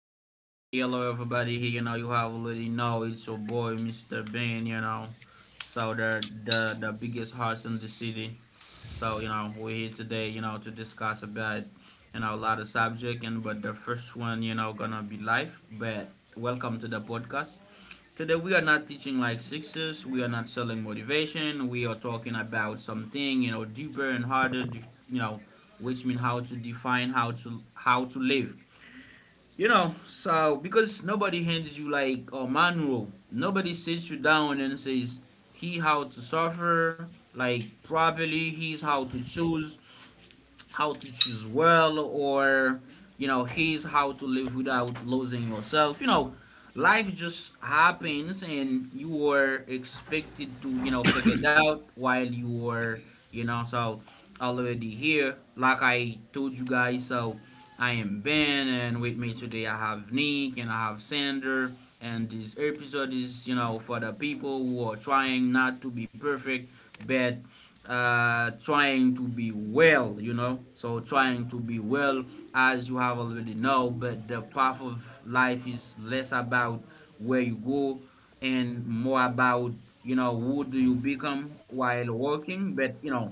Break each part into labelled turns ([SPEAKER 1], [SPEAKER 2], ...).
[SPEAKER 1] everybody here, hello everybody here, you have already know, it's your boy Mr. Ben, so the biggest horse in the city. So, we're here today, to discuss about, a lot of subject, and but the first one, gonna be life, but welcome to the podcast. Today we are not teaching like sixes, we are not selling motivation, we are talking about something, deeper and harder, you know, which means how to define how to live, so because nobody hands you like a manual, nobody sits you down and says he how to suffer like properly, he's how to choose well, or, he's how to live without losing yourself. Life just happens and you were expected to, figure it out while you were, So already here, like I told you guys, so I am Ben, and with me today I have Nick and I have Sander. And this episode is, for the people who are trying not to be perfect, but trying to be well. So trying to be well, as you have already know, but the path of life is less about where you go and more about, who do you become while working, but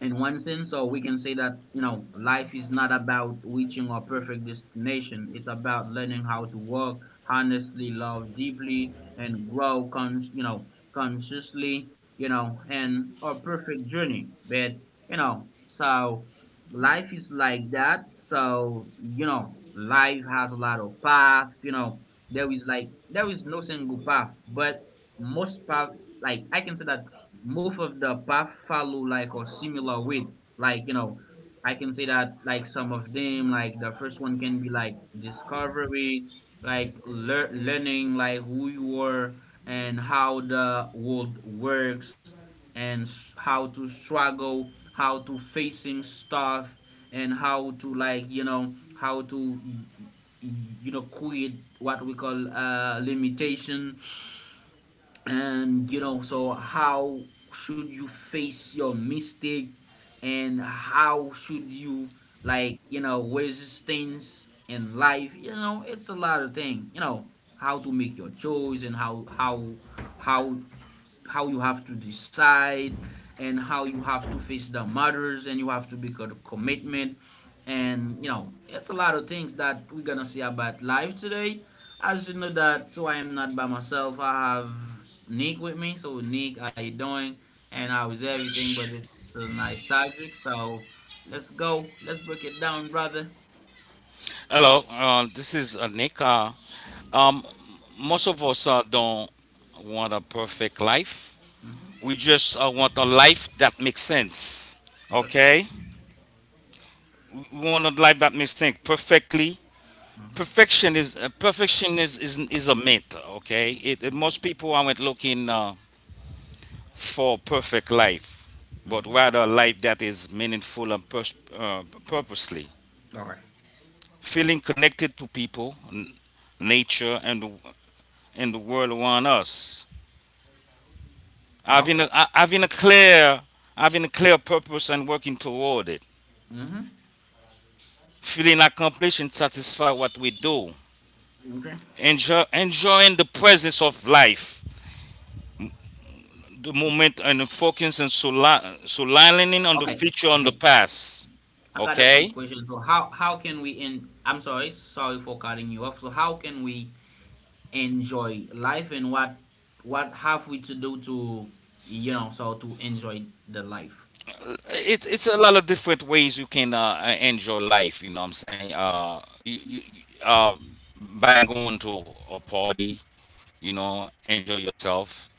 [SPEAKER 1] in one sense, so we can say that life is not about reaching our perfect destination. It's about learning how to work honestly, love deeply, and grow. Consciously. And our perfect journey. But, you know, so life is like that. So, life has a lot of path. There is like there is no single path, but most path, like I can say that most of the path follow like a similar way, like, I can say that like some of them, like the first one can be like discovery, like learning like who you are and how the world works, and how to struggle, how to facing stuff, and how to, like, how to, quit what we call limitation, and, so how should you face your mistake, and how should you, like, resistance in life. You know it's a lot of thing. You know how to make your choice, and how how you have to decide, and how you have to face the matters, and you have to make a commitment. And it's a lot of things that we're gonna see about life today. As you know that, so I am not by myself, I have Nick with me. So Nick, how you doing and how is everything? But it's a nice subject, so let's go, let's break it down, brother.
[SPEAKER 2] Hello, this is Nick. Um, most of us don't want a perfect life. We
[SPEAKER 1] Hmm.
[SPEAKER 2] just want a life that makes sense.
[SPEAKER 1] Okay.
[SPEAKER 2] Okay, we want a life that makes sense perfectly.
[SPEAKER 1] Mm-hmm.
[SPEAKER 2] Perfection is a myth. Okay,
[SPEAKER 1] Okay.
[SPEAKER 2] most people aren't looking for perfect life, but
[SPEAKER 1] Hmm.
[SPEAKER 2] rather a life that is meaningful and purposely.
[SPEAKER 1] Okay.
[SPEAKER 2] Feeling connected to people, nature, and in the world around us. Having
[SPEAKER 1] Okay.
[SPEAKER 2] a, ha- having a clear purpose and working toward it.
[SPEAKER 1] Hmm.
[SPEAKER 2] Feeling accomplished and satisfied what we do.
[SPEAKER 1] Okay.
[SPEAKER 2] Enjoying the presence of life, the moment and focus and solidifying on
[SPEAKER 1] Okay.
[SPEAKER 2] the future
[SPEAKER 1] Okay.
[SPEAKER 2] on the past.
[SPEAKER 1] I got a quick
[SPEAKER 2] Okay,
[SPEAKER 1] question. So how can we en? I'm sorry, sorry for cutting you off. So how can we enjoy life, and what have we to do to, so to enjoy the life?
[SPEAKER 2] it's a lot of different ways you can enjoy life. You know what I'm saying? By going to a party, you know, enjoy yourself,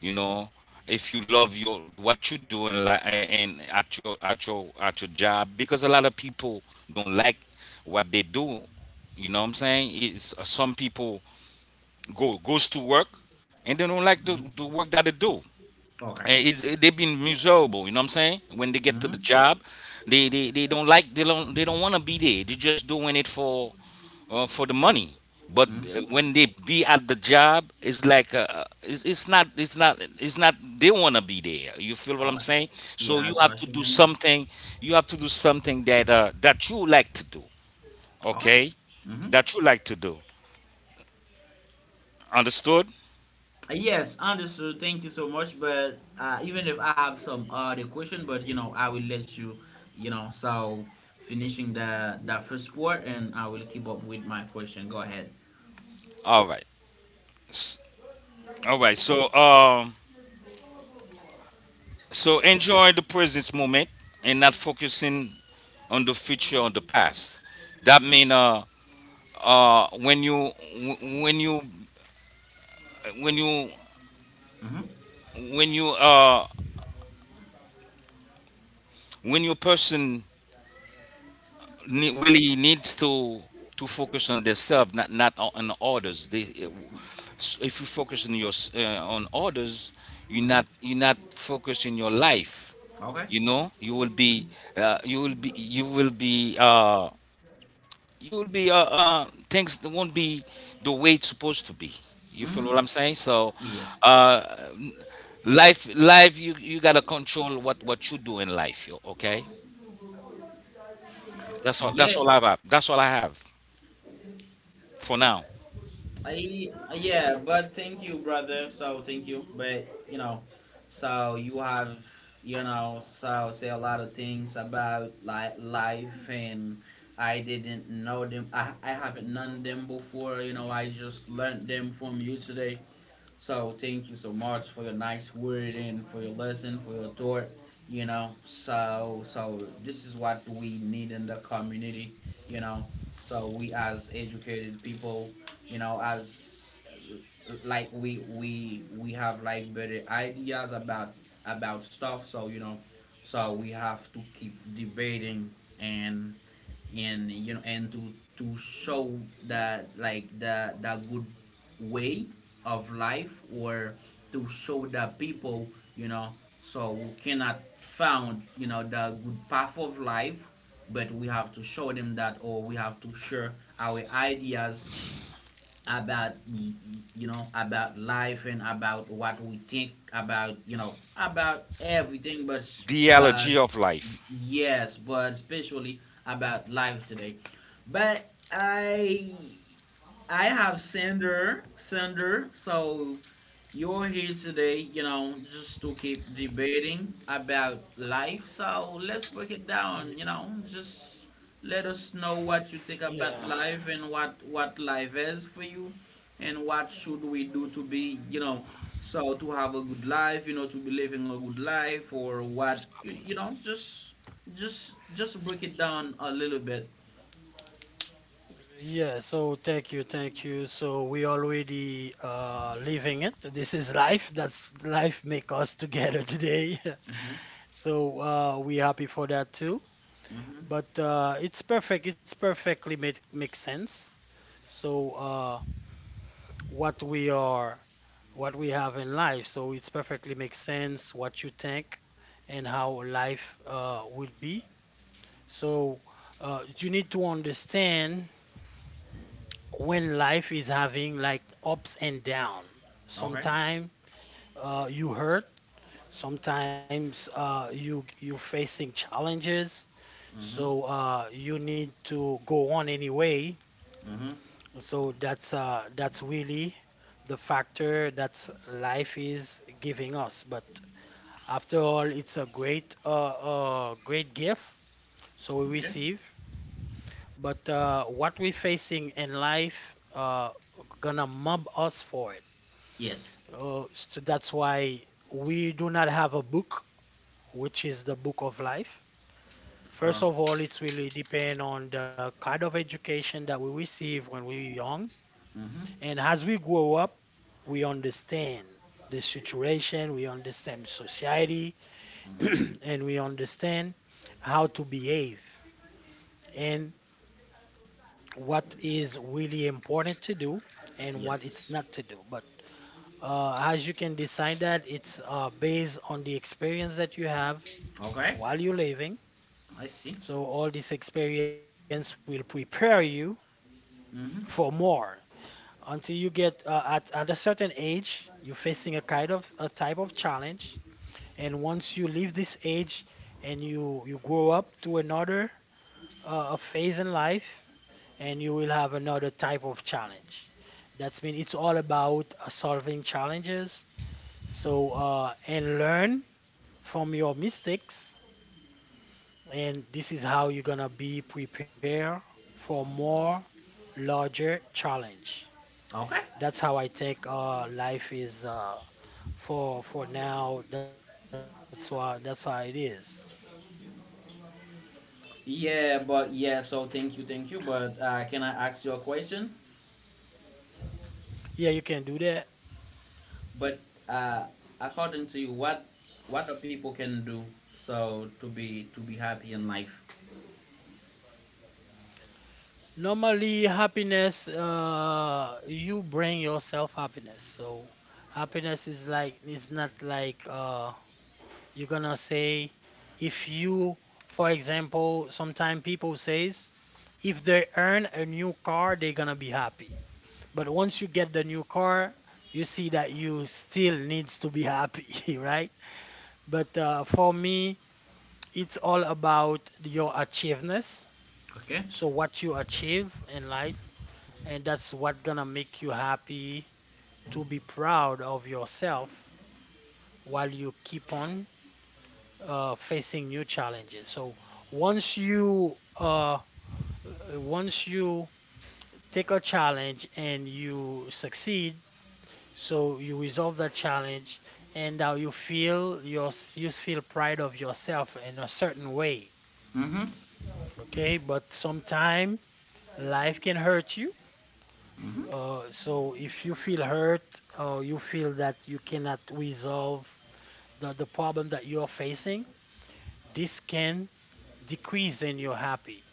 [SPEAKER 2] you know, if you love your what you do in and at your job because a lot of people don't like what they do, you know what I'm saying? It's Some people go goes to work and they don't like
[SPEAKER 1] Hmm.
[SPEAKER 2] the work that they do,
[SPEAKER 1] Okay.
[SPEAKER 2] and they've been miserable, you know what I'm saying, when they get to
[SPEAKER 1] Mm-hmm.
[SPEAKER 2] the job. They don't like, they don't want to be there. They're just doing it for the money. But
[SPEAKER 1] Mm-hmm.
[SPEAKER 2] when they be at the job, it's like it's not it's not they want to be there. You feel what
[SPEAKER 1] Okay.
[SPEAKER 2] I'm saying?
[SPEAKER 1] Yeah,
[SPEAKER 2] So you
[SPEAKER 1] that's
[SPEAKER 2] have
[SPEAKER 1] what
[SPEAKER 2] to
[SPEAKER 1] you
[SPEAKER 2] do
[SPEAKER 1] mean.
[SPEAKER 2] something. You have to do something that that you like to do.
[SPEAKER 1] Okay.
[SPEAKER 2] Okay,
[SPEAKER 1] Mm-hmm.
[SPEAKER 2] that you like to do. Understood?
[SPEAKER 1] Yes, understood. Thank you so much. But even if I have some other question, but, I will let you, you know, so finishing the that first part, and I will keep up with my question. Go ahead.
[SPEAKER 2] All right. S- All right. So so enjoy the present moment and not focusing on the future or the past. That mean uh when you when you when you
[SPEAKER 1] Mm-hmm.
[SPEAKER 2] when you when your person really needs to focus on themselves, not on others. They, so if you focus on your on others, you
[SPEAKER 1] Mm-hmm.
[SPEAKER 2] not, you not focus in your life.
[SPEAKER 1] Okay.
[SPEAKER 2] You know, you will be you will be you will be you will be uh, things that won't be the way it's supposed to be, you feel
[SPEAKER 1] Mm-hmm.
[SPEAKER 2] what I'm saying? So
[SPEAKER 1] Yes.
[SPEAKER 2] uh life, you, you gotta control what you do in life, yo. Okay, that's all.
[SPEAKER 1] Yeah.
[SPEAKER 2] That's all I have. That's all I have for now.
[SPEAKER 1] I yeah, but thank you, brother. So thank you, but, you have, so say a lot of things about like life, and I didn't know them. I haven't known them before. You know, I just learned them from you today. So thank you so much for your nice word and for your lesson, for your thought. You know, so so this is what we need in the community. You know, so we as educated people, as like we have like better ideas about stuff. So, so we have to keep debating, and and to show that like the good way of life, or to show the people, so we cannot found, the good path of life, but we have to show them that, or we have to share our ideas about, about life and about what we think about, about everything. But
[SPEAKER 2] The allergy of life.
[SPEAKER 1] yes, but especially about life today. But I have Sander, Sander. So you're here today, just to keep debating about life. So let's break it down,
[SPEAKER 3] Y-
[SPEAKER 1] just let us know what you think about
[SPEAKER 3] Yeah,
[SPEAKER 1] life and what life is for you, and what should we do to be, so to have a good life, to be living a good life, or what, just just break it down a little bit.
[SPEAKER 3] yeah. So thank you, thank you. So we already living it. This is life. That's life make us together today.
[SPEAKER 1] Mhm.
[SPEAKER 3] So we happy for that too.
[SPEAKER 1] Mhm.
[SPEAKER 3] But it's perfect. It's perfectly makes sense. So uh what we are, what we have in life. So it's perfectly makes sense what you think and how life will be. So you need to understand when life is having like ups and down.
[SPEAKER 1] Okay.
[SPEAKER 3] Sometimes you hurt, sometimes uh, you facing challenges,
[SPEAKER 1] Mm-hmm.
[SPEAKER 3] so you need to go on anyway.
[SPEAKER 1] Mm-hmm.
[SPEAKER 3] So that's really the factor that life is giving us. But after all, it's a great great gift. So we
[SPEAKER 1] Okay.
[SPEAKER 3] receive, but what we facing in life gonna mob us for it.
[SPEAKER 1] Yes.
[SPEAKER 3] Oh, so that's why we do not have a book, which is the book of life. First
[SPEAKER 1] Sure.
[SPEAKER 3] of all, it's really depend on the kind of education that we receive when we're young.
[SPEAKER 1] Mm-hmm.
[SPEAKER 3] And as we grow up, we understand the situation, we understand society,
[SPEAKER 1] Mm-hmm.
[SPEAKER 3] and we understand how to behave and what is really important to do and what it's
[SPEAKER 1] Yes.
[SPEAKER 3] not to do. But as you can decide that, it's based on the experience that you have
[SPEAKER 1] Okay.
[SPEAKER 3] while you're living.
[SPEAKER 1] I see.
[SPEAKER 3] So all this experience will prepare you
[SPEAKER 1] Mm-hmm.
[SPEAKER 3] for more until you get at a certain age, you're facing a kind of a type of challenge. And once you leave this age and you grow up to another a phase in life, and you will have another type of challenge. That's mean it's all about solving challenges. So and learn from your mistakes. And this is how you're gonna be prepared for more larger challenge.
[SPEAKER 1] Okay.
[SPEAKER 3] That's how I think life is for now. That's why it is.
[SPEAKER 1] Yeah, but yeah, so thank you, thank you. But can I ask you a question?
[SPEAKER 3] Yeah, you can do that.
[SPEAKER 1] But, uh, according to you, what the people can do, so to be happy in life?
[SPEAKER 3] Normally, happiness, you bring yourself happiness. So happiness is like it's not like you're gonna say if you, for example, sometimes people says if they earn a new car, they're gonna be happy. But once you get the new car, you see that you still needs to be happy, right? But for me, it's all about your achievements.
[SPEAKER 1] Okay.
[SPEAKER 3] So what you achieve in life, and that's what gonna make you happy to be proud of yourself while you keep on facing new challenges. So once you uh, once you take a challenge and you succeed, so you resolve that challenge, and now you feel pride of yourself in a certain way.
[SPEAKER 1] Mm-hmm.
[SPEAKER 3] Okay, but sometime life can hurt you.
[SPEAKER 1] Mm-hmm.
[SPEAKER 3] So if you feel hurt or you feel that you cannot resolve the problem that you're facing, this can decrease in your happy.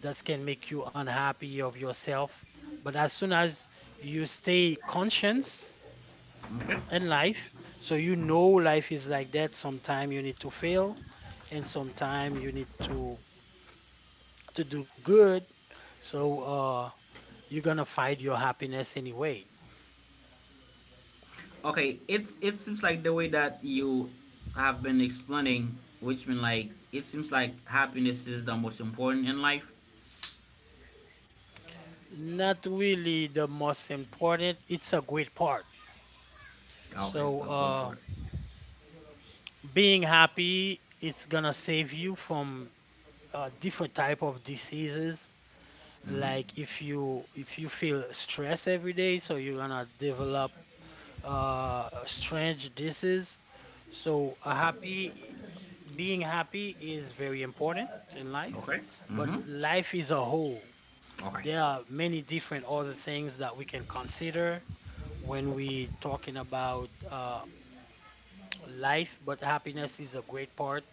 [SPEAKER 3] That can make you unhappy of yourself. But as soon as you stay conscious
[SPEAKER 1] Okay.
[SPEAKER 3] in life. So you know life is like that. Sometime you need to fail, and sometime you need to do good. So you're gonna find your happiness anyway.
[SPEAKER 1] Okay, it's it seems like the way that you have been explaining, which mean like it seems like happiness is the most important in life.
[SPEAKER 3] Not really the most important. It's a great part.
[SPEAKER 1] Okay,
[SPEAKER 3] So
[SPEAKER 1] so go for it.
[SPEAKER 3] being happy, it's gonna save you from different type of diseases.
[SPEAKER 1] Mm-hmm.
[SPEAKER 3] Like if you feel stress every day, so you're gonna develop strange dishes. So a happy being happy is very important in life,
[SPEAKER 1] Okay.
[SPEAKER 3] but
[SPEAKER 1] Mm-hmm.
[SPEAKER 3] life is a whole.
[SPEAKER 1] Okay.
[SPEAKER 3] There are many different other things that we can consider when we talking about life, but happiness is a great part.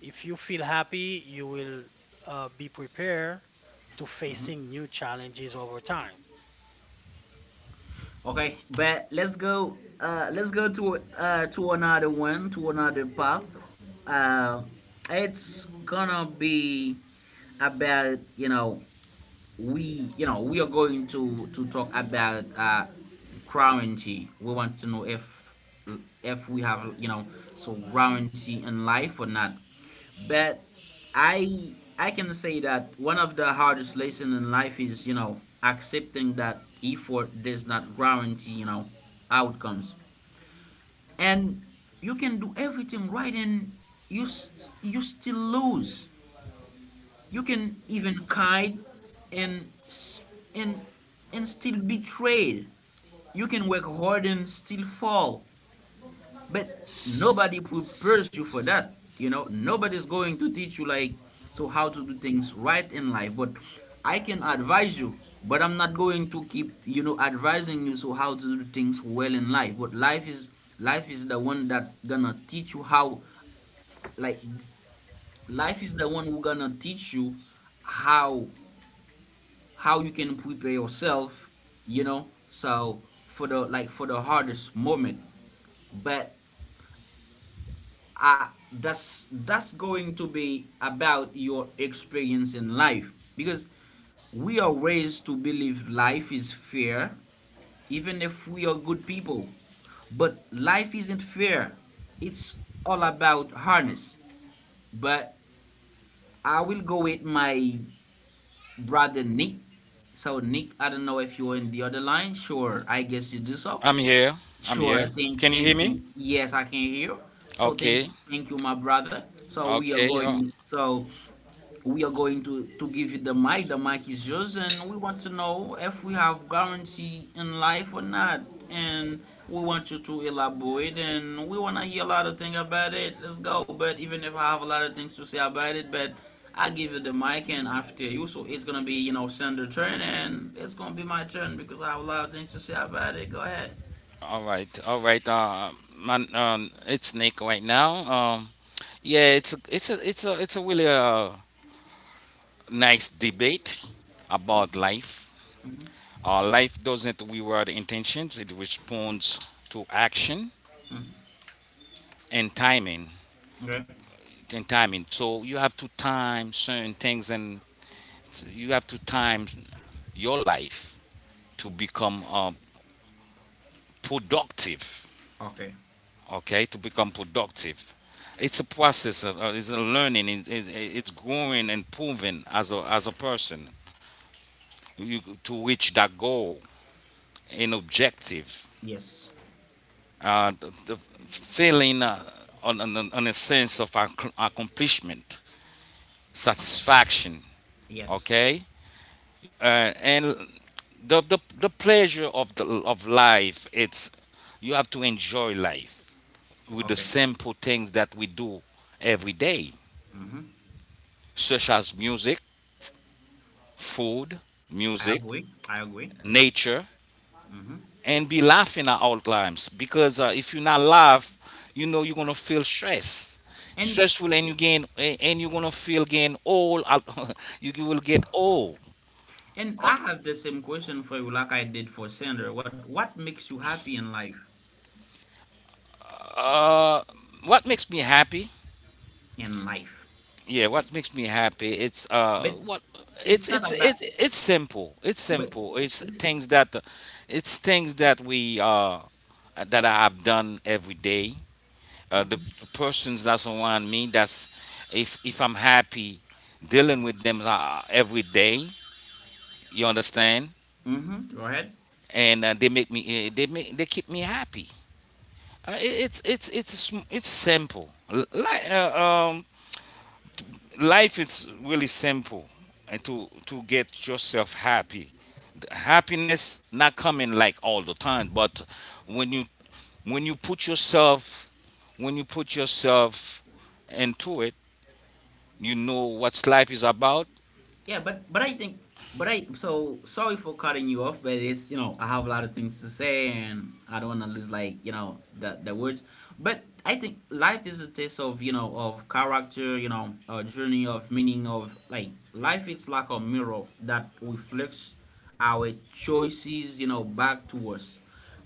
[SPEAKER 3] If you feel happy, you will be prepared to facing new challenges over time.
[SPEAKER 1] Okay, but let's go. Let's go to another one, to another path. Uh, it's gonna be about, we, we are going to talk about currency. We want to know if we have, so guarantee in life or not. But i I can say that one of the hardest lessons in life is, accepting that effort does not guarantee, outcomes, and you can do everything right, and you still lose. You can even kite, and and and still be betrayed. You can work hard and still fall. But nobody prepares you for that. You know, nobody's going to teach you like so how to do things right in life. But I can advise you, but I'm not going to keep, advising you, so how to do things well in life. But life is the one that gonna teach you how, like, life is the one who gonna teach you how how you can prepare yourself, so for the, like, for the hardest moment. But that's going to be about your experience in life, because we are raised to believe life is fair, even if we are good people. But life isn't fair, it's all about harness. But I will go with my brother Nick. So Nick, I don't know if you're in the other line. Sure, I guess you do so.
[SPEAKER 2] I'm here. I'm here.
[SPEAKER 1] Sure, thank
[SPEAKER 2] Can you
[SPEAKER 1] thank
[SPEAKER 2] hear me?
[SPEAKER 1] you. Yes, I can hear. So
[SPEAKER 2] Okay.
[SPEAKER 1] thank you, my brother. So we are
[SPEAKER 2] Okay.
[SPEAKER 1] going. So we are going to give you the mic. The mic is yours, and we want to know if we have guarantee in life or not. And we want you to elaborate, and we want to hear a lot of things about it. Let's go. But even if I have a lot of things to say about it, but I give you the mic, and after you, so it's gonna be, Sandra turn, and it's gonna be my turn because I have a lot of things to say about it. Go ahead.
[SPEAKER 2] All right. All right. Man, it's Nick right now. Yeah, it's a really nice debate about life.
[SPEAKER 1] Mhm.
[SPEAKER 2] Life doesn't reward intentions; it responds to action and timing.
[SPEAKER 1] Okay.
[SPEAKER 2] And timing. So you have to time certain things and you have to time your life to become productive.
[SPEAKER 1] Okay.
[SPEAKER 2] Okay, to become productive, it's a process of it's a learning, it's growing and proving as as a person, you, to reach that goal and objective.
[SPEAKER 1] Yes.
[SPEAKER 2] The feeling on a sense of accomplishment,
[SPEAKER 1] Okay.
[SPEAKER 2] satisfaction.
[SPEAKER 1] Yes.
[SPEAKER 2] Okay, uh, and the pleasure of the of life, it's you have to enjoy life with the
[SPEAKER 1] Okay.
[SPEAKER 2] simple things that we do every day,
[SPEAKER 1] Mm-hmm.
[SPEAKER 2] such as music, food,
[SPEAKER 1] I
[SPEAKER 2] music,
[SPEAKER 1] agree. I agree.
[SPEAKER 2] nature,
[SPEAKER 1] Mm-hmm.
[SPEAKER 2] and be laughing at all times because if you not laugh, you know you're gonna feel stress,
[SPEAKER 1] And
[SPEAKER 2] stressful, and you gain, and you're gonna feel gain all you will get old.
[SPEAKER 1] and
[SPEAKER 2] uh,
[SPEAKER 1] I have the same question for you, like I did for Sandra. What makes you happy in life?
[SPEAKER 2] uh, what makes me happy?
[SPEAKER 1] In life,
[SPEAKER 2] Yeah, what makes me happy, it's
[SPEAKER 1] but
[SPEAKER 2] what
[SPEAKER 1] it's
[SPEAKER 2] it's
[SPEAKER 1] not about.
[SPEAKER 2] simple, it's
[SPEAKER 1] But
[SPEAKER 2] simple it's
[SPEAKER 1] it's.
[SPEAKER 2] things that, it's things that we that I have done every day. The
[SPEAKER 1] Mm-hmm.
[SPEAKER 2] persons that's around me, that's, if I'm happy dealing with them every day, you understand?
[SPEAKER 1] Mm-hmm. Go ahead.
[SPEAKER 2] And they make me, they make, they keep me happy. It's it's simple. Like life is really simple, and to get yourself happy. The happiness not coming like all the time, but when you, when you put yourself when you put yourself into it, you know what life is about.
[SPEAKER 1] Yeah, but I think, but I so sorry for cutting you off, but it's, I have a lot of things to say, and I don't want to lose, like, the words. But I think life is a test of, of character, a journey of meaning of like life. It's like a mirror that reflects our choices, back to us.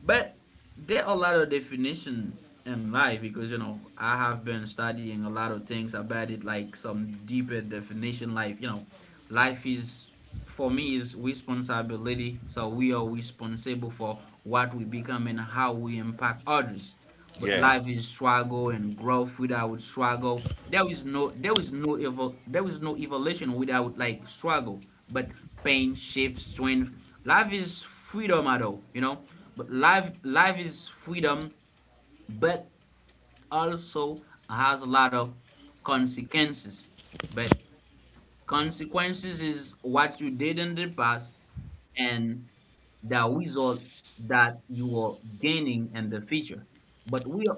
[SPEAKER 1] But there are a lot of definition in life, because, I have been studying a lot of things about it, like some deeper definition. Like, life is, for me, is responsibility. So we are responsible for what we become and how we impact others. But
[SPEAKER 2] Yeah,
[SPEAKER 1] life is struggle and growth. Without struggle, there is no, there is no evolution without like struggle. But pain shapes strength. Life is freedom at all, you know. But life is freedom, but also has a lot of consequences. But consequences is what you did in the past and the result that you are gaining in the future. But we are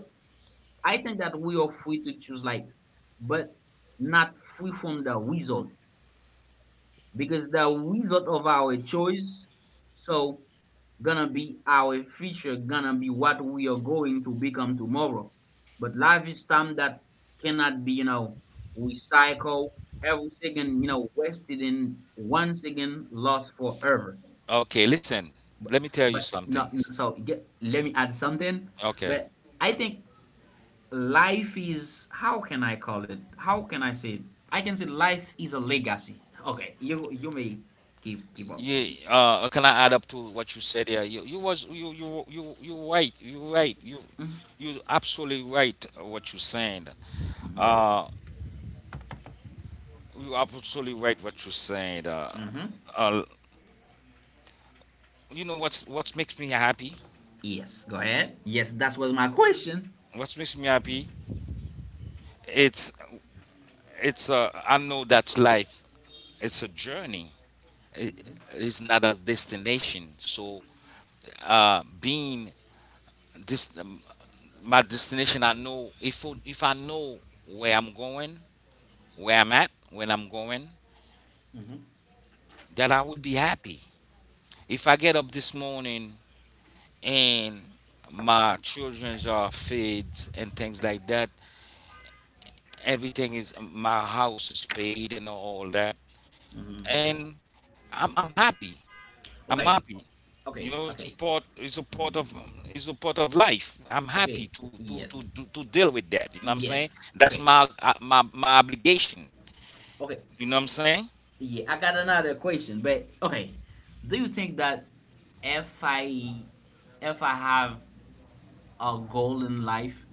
[SPEAKER 1] I think that we are free to choose life, but not free from the result because the result of our choice so gonna be our future, gonna be what we are going to become tomorrow. But life is time that cannot be, recycled every second, wasted in 1 second lost forever.
[SPEAKER 2] okay, listen, let me tell you
[SPEAKER 1] But no,
[SPEAKER 2] something.
[SPEAKER 1] no so get, let me add something.
[SPEAKER 2] Okay,
[SPEAKER 1] But I think life is, how can I call it? How can I say it? I can say life is a legacy. Okay, you may keep up.
[SPEAKER 2] yeah, can I add up to what you said? Yeah, you was you you you you right you right you you absolutely right, what you saying. uh you are absolutely right what you said.
[SPEAKER 1] Hmm.
[SPEAKER 2] Uh, you know what's, what makes me happy?
[SPEAKER 1] Yes, go ahead. Yes, that was my question.
[SPEAKER 2] What makes me happy? It's I know that's life. It's a journey. It, it's not a destination. So being this, my destination, I know, if I know where I'm going, where I'm at, when I'm going,
[SPEAKER 1] Hmm.
[SPEAKER 2] that I will be happy. If I get up this morning and my childrens are fed and things like that, everything is, my house is paid and all that, and I'm happy, I'm
[SPEAKER 1] Okay,
[SPEAKER 2] happy.
[SPEAKER 1] okay,
[SPEAKER 2] You know, it's a
[SPEAKER 1] okay,
[SPEAKER 2] part it's a part of it's a part of life. I'm happy
[SPEAKER 1] okay.
[SPEAKER 2] to
[SPEAKER 1] Yes,
[SPEAKER 2] to deal with that, you know what I'm saying?
[SPEAKER 1] yes.
[SPEAKER 2] That's
[SPEAKER 1] Okay,
[SPEAKER 2] my my, my obligation,
[SPEAKER 1] okay.
[SPEAKER 2] you know what I'm saying.
[SPEAKER 1] Yeah, I got another question, but okay. Do you think that if I if I have a goal in life,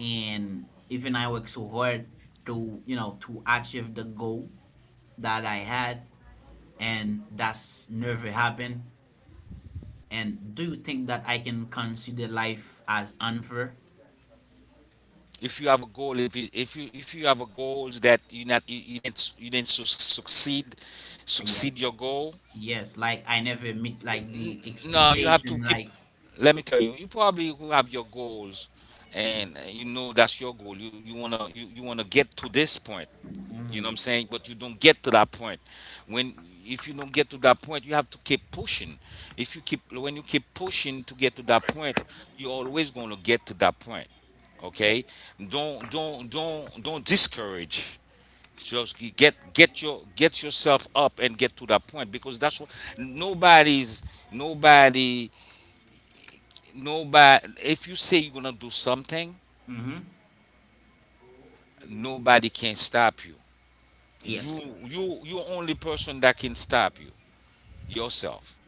[SPEAKER 1] and even I worked so hard to, you know, to achieve the goal that I had, and that's never happened. And do you think that I can consider life as unfair?
[SPEAKER 2] If you have a goal, if you if you have a goals that you not, you you didn't succeed, succeed
[SPEAKER 1] Yes,
[SPEAKER 2] your goal.
[SPEAKER 1] yes. Like I never meet like
[SPEAKER 2] N-
[SPEAKER 1] the
[SPEAKER 2] No, you have to
[SPEAKER 1] expectation.
[SPEAKER 2] keep.
[SPEAKER 1] Like
[SPEAKER 2] Let me tell you, you probably who have your goals, and you know that's your goal. You wanna you, you wanna get to this point. You know what I'm saying? But you don't get to that point. When if you don't get to that point, you have to keep pushing. If you keep when you keep pushing to get to that point, you're always gonna get to that point. Okay? Don't discourage. Just get your, get yourself up and get to that point, because that's what, nobody's nobody nobody, if you say you're gonna do something,
[SPEAKER 1] mm-hmm.
[SPEAKER 2] nobody can stop you.
[SPEAKER 1] Yes,
[SPEAKER 2] you you only person that can stop you, yourself.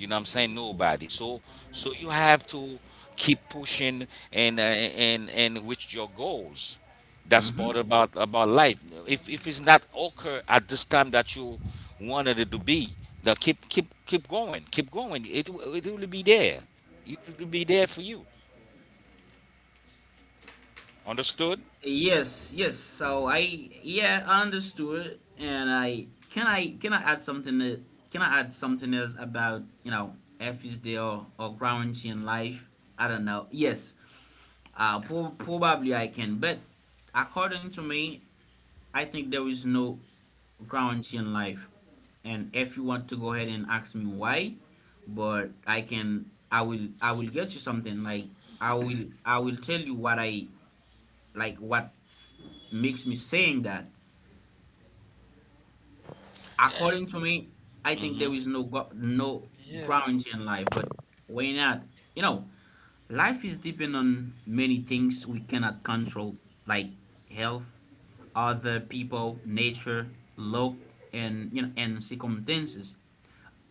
[SPEAKER 2] You know what I'm saying? Nobody. So, so you have to keep pushing, and and reach your goals. That's
[SPEAKER 1] mm-hmm.
[SPEAKER 2] part about life. If it's not occur at this time that you wanted it to be, now keep going, keep going, it will be there, it will be there for you. Understood?
[SPEAKER 1] Yes, yes. So I yeah, I understood, and I can I can I add something that, can I add something else about, you know, FSD, or Gramscian life? I don't know. Yes. Probably I can, but according to me, I think there is no Gramscian life. And if you want to go ahead and ask me why, but I will get you something like, I will tell you what I, like what makes me saying that, according to me, I think there is
[SPEAKER 3] Yeah,
[SPEAKER 1] no ground in life. But why not? You know, life is depend on many things we cannot control, like health, other people, nature, luck, and, you know, and circumstances.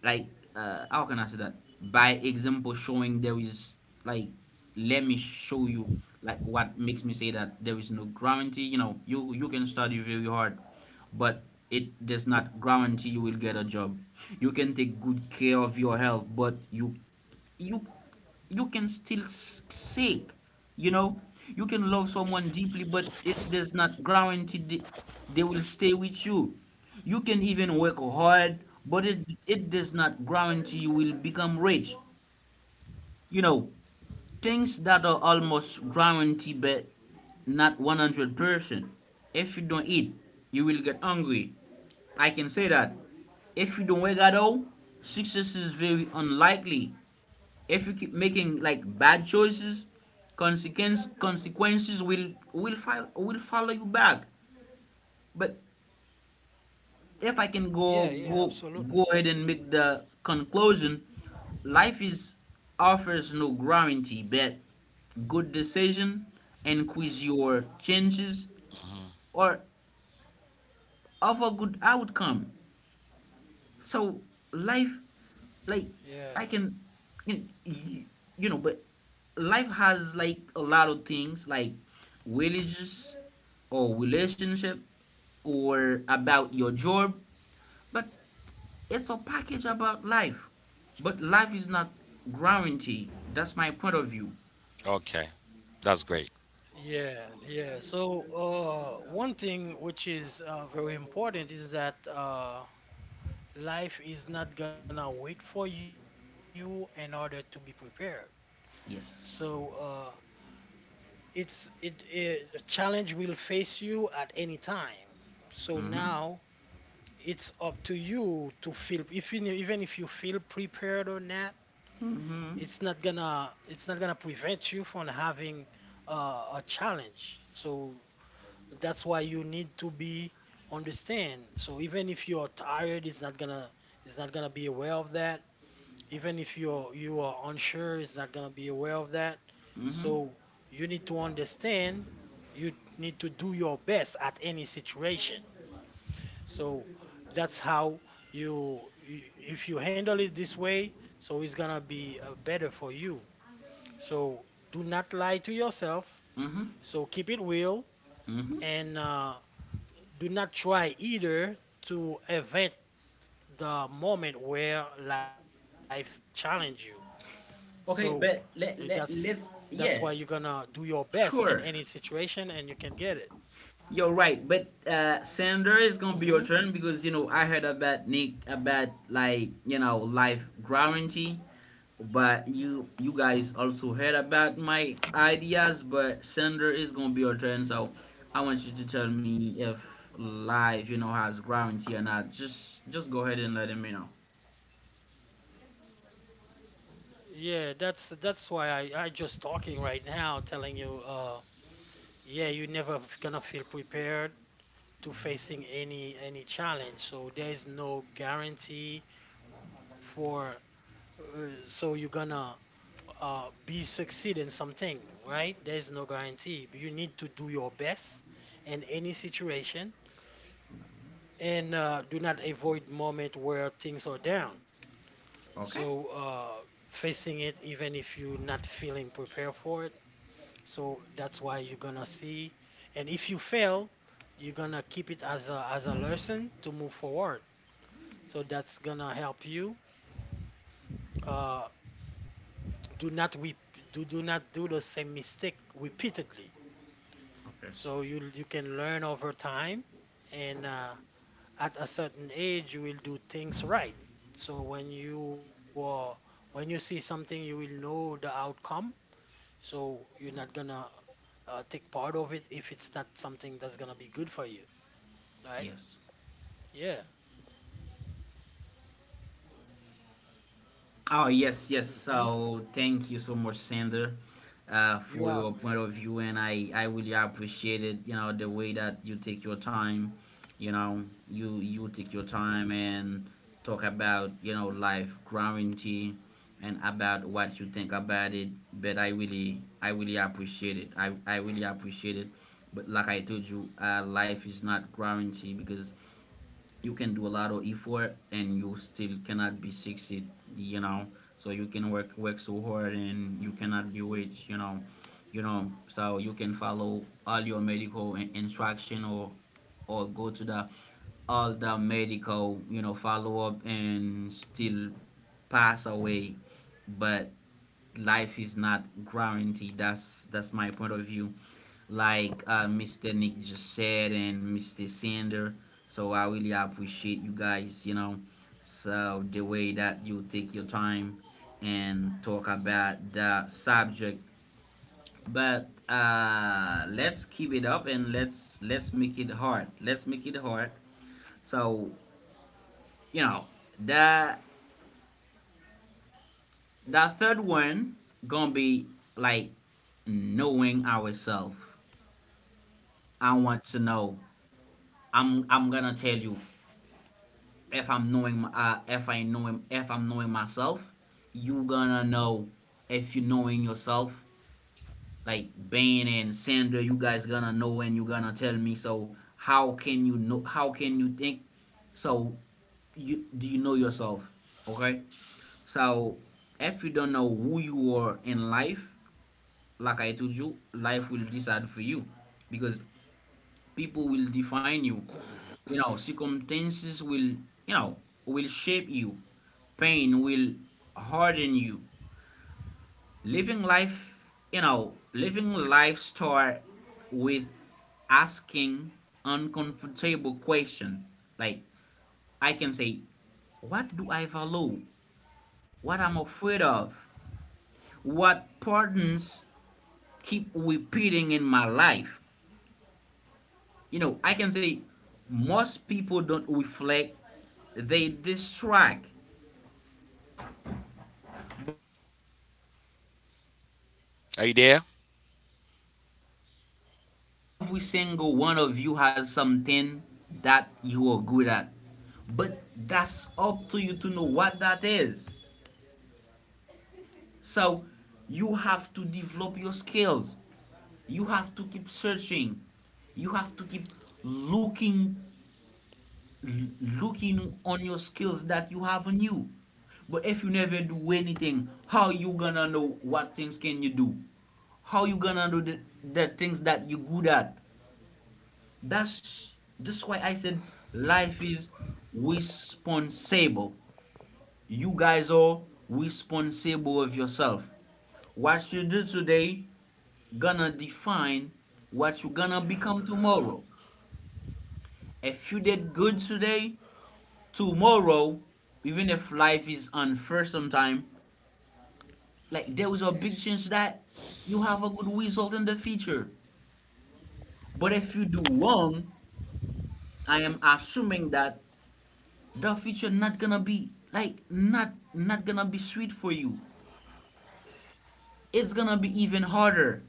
[SPEAKER 1] Like how can I say that? By example, showing there is, like, let me show you, like what makes me say that there is no guarantee. You know, you can study very hard, but it does not guarantee you will get a job. You can take good care of your health, but you you can still seek, you know, you can love someone deeply, but it's, there's not guaranteed they will stay with you. You can even work hard, but it does not guarantee you will become rich. You know, things that are almost guaranteed but not 100%. If you don't eat, you will get hungry. I can say that, if you don't work at all, success is very unlikely. If you keep making like bad choices, consequences will follow you back. But if I can go go
[SPEAKER 3] absolutely.
[SPEAKER 1] ahead and make the conclusion, life is, offers no guarantee, but good decision increase your chances or of a good outcome. So life,
[SPEAKER 3] Yeah.
[SPEAKER 1] like, I can, you know, y- you know, but life has like a lot of things, like religious or relationship or about your job, but it's a package about life. But life is not guaranteed. That's my point of view.
[SPEAKER 2] Okay, that's great.
[SPEAKER 3] Yeah. So, one thing which is very important is that life is not gonna wait for you in order to be prepared. So,
[SPEAKER 1] Yes.
[SPEAKER 3] it a challenge will face you at any time. So now
[SPEAKER 1] Mm-hmm.
[SPEAKER 3] it's up to you to feel if you, even if you feel prepared or not,
[SPEAKER 1] Mm-hmm.
[SPEAKER 3] it's not gonna prevent you from having a challenge. So that's why you need to be understand. So even if you are tired, it's not gonna be aware of that. Even if you are unsure, it's not gonna be aware of that.
[SPEAKER 1] Mm-hmm.
[SPEAKER 3] So you need to understand. You need to do your best at any situation. So that's how if you handle it this way, so it's gonna be better for you. So do not lie to yourself.
[SPEAKER 1] Mm-hmm.
[SPEAKER 3] So keep it real
[SPEAKER 1] Mm-hmm.
[SPEAKER 3] and. Do not try either to event the moment where life challenge you. So
[SPEAKER 1] Okay,
[SPEAKER 3] uh,
[SPEAKER 1] but
[SPEAKER 3] that's
[SPEAKER 1] let, let,
[SPEAKER 3] that's why
[SPEAKER 1] let's,
[SPEAKER 3] you're gonna
[SPEAKER 1] yeah.
[SPEAKER 3] do your best in any
[SPEAKER 1] Sure.
[SPEAKER 3] situation and you can get it.
[SPEAKER 1] You're right, but Sandra, it's gonna be
[SPEAKER 3] hmm
[SPEAKER 1] your turn, because you know I heard about Nick about, like, you know, life guarantee, but you guys also heard about my ideas. But Sandra, it's gonna be your turn, so I want you to tell me if life, you know, has guarantee or not. Just go ahead and let me know.
[SPEAKER 3] Yeah, that's why I just talking right now, telling you, yeah, you're never gonna feel prepared to facing any challenge. So there is no guarantee for, uh, so you're gonna be succeed in something, right? There's no guarantee. You need to do your best in any situation and do not avoid moment where things are down. So
[SPEAKER 1] Okay.
[SPEAKER 3] facing it even if you're not feeling prepared for it. So that's why you're gonna see. And if you fail, you're gonna keep it as as a lesson to move forward. So that's gonna help you. Uh, do not we do do not do the same mistake repeatedly.
[SPEAKER 1] Okay.
[SPEAKER 3] So you can learn over time, and at a certain age, you will do things right. So when you see something, you will know the outcome. So you're not gonna take part of it if it's not something that's gonna be good for you,
[SPEAKER 1] Yes.
[SPEAKER 3] right? Yeah.
[SPEAKER 1] Oh, yes,
[SPEAKER 3] hmm
[SPEAKER 1] yes. So thank you so much, Sander,
[SPEAKER 3] You are.
[SPEAKER 1] for your point of view, and I really appreciate it. You know the way that you take your time. You know, you take your time and talk about, you know, life guarantee, and about what you think about it. But I really appreciate it. I really appreciate it. But like I told you, life is not guarantee because you can do a lot of effort and you still cannot be succeed, you know. So you can work so hard and you cannot be rich, you know. You know, so you can follow all your medical instruction, or go to the, all the medical, you know, follow up, and still pass away. But life is not guaranteed. That's my point of view. Like Mr. Nick just said, and Mr. Sander. So I really appreciate you guys. You know, so the way that you take your time and talk about the subject. But let's keep it up, and let's make it hard. Let's make it hard. So, you know, the the third one gonna be like knowing ourselves. I want to know. I'm gonna tell you, if I'm if I'm knowing myself, you gonna know if you knowing yourself. Like Bane and Sandra, you guys gonna know and you gonna tell me. So how can you know? How can you think? So, you, do you know yourself? Okay. So if you don't know who you are in life, like I told you, life will decide for you, because people will define you. You know, circumstances will, you know, will shape you. Pain will harden you. Living life, you know, living life start with asking uncomfortable question. Like, I can say, what do I value? What I'm afraid of? What patterns keep repeating in my life? You know, I can say most people don't reflect, they distract. But you have to know yourself. You
[SPEAKER 2] Are you
[SPEAKER 1] have to know
[SPEAKER 2] there?
[SPEAKER 1] your skills, because every single one of you has something that you are good at. But that's up to you to know what that is. So you have to develop your skills. You have to keep searching. You have to keep looking looking on your skills that you have on you. But if you never do anything, how you gonna know what things can you do? How you gonna do the things that you good at? That's why I said life is responsible. You guys are responsible of yourself. What you do today gonna define what you gonna become tomorrow. If you did good today, tomorrow, even if life is unfair sometime, like there is a big chance that you have a good result in the future. But if you do wrong, I am assuming that the future not gonna be like, not gonna be sweet for you, it's gonna be even harder.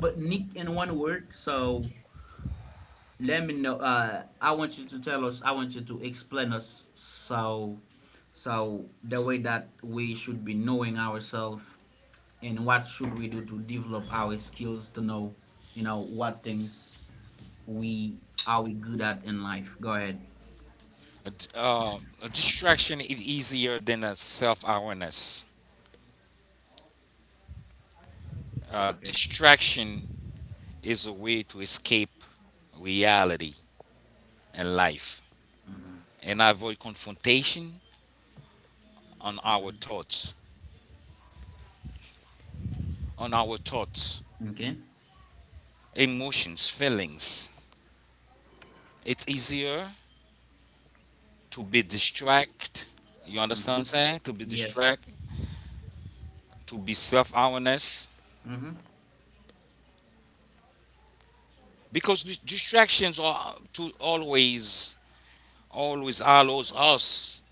[SPEAKER 1] But Nick, in one word, so let me know. I want you to tell us, I want you to explain us, so so the way that we should be knowing ourselves, and what should we do to develop our skills to know, you know, what things we are we good at in life. Go ahead.
[SPEAKER 2] A distraction is easier than a self-awareness.
[SPEAKER 1] Okay.
[SPEAKER 2] Distraction is a way to escape reality and life and avoid confrontation on our thoughts, on our thoughts,
[SPEAKER 1] Okay.
[SPEAKER 2] emotions, feelings. It's easier to be distract. You understand what
[SPEAKER 1] Mm-hmm.
[SPEAKER 2] I'm saying? To be
[SPEAKER 1] Yes.
[SPEAKER 2] distract, to be self-awareness,
[SPEAKER 1] Mhm.
[SPEAKER 2] because distractions are to always, always allows us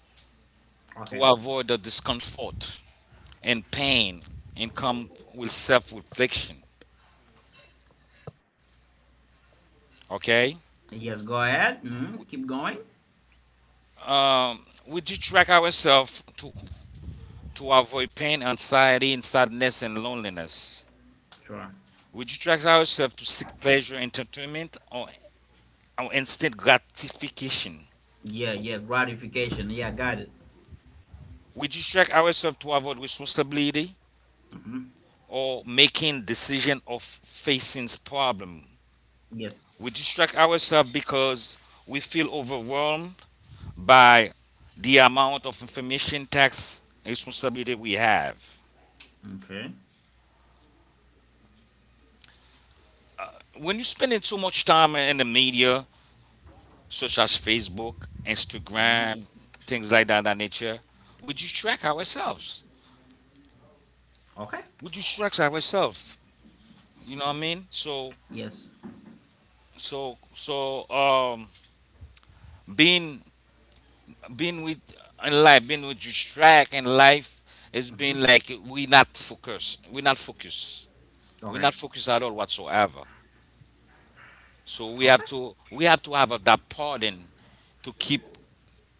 [SPEAKER 1] Okay.
[SPEAKER 2] to avoid the discomfort and pain and come with self reflection. Okay?
[SPEAKER 1] Yes, go ahead. Mm, keep going.
[SPEAKER 2] We do track ourselves to avoid pain, anxiety, and sadness and loneliness.
[SPEAKER 1] Sure.
[SPEAKER 2] We do track ourselves to seek pleasure, entertainment, or instant gratification.
[SPEAKER 1] Yeah, yeah, gratification. Yeah, got it.
[SPEAKER 2] We do track ourselves to avoid responsibility or making decision of facing problem.
[SPEAKER 1] Yes.
[SPEAKER 2] We distract ourselves because we feel overwhelmed by the amount of information tax and responsibility we have.
[SPEAKER 1] Okay.
[SPEAKER 2] When you're spending too much time in the media, such as Facebook,
[SPEAKER 1] Hmm.
[SPEAKER 2] Instagram, things like that, that nature, we distract ourselves.
[SPEAKER 1] Okay.
[SPEAKER 2] We distract ourselves. You know what I mean?
[SPEAKER 1] Yes.
[SPEAKER 2] So, being, being with in life, being with distract in life is being like we not focus. We not focus. We're
[SPEAKER 1] Okay.
[SPEAKER 2] not focused at all whatsoever. So we
[SPEAKER 1] Okay.
[SPEAKER 2] have to, we have to have a, that pardon to keep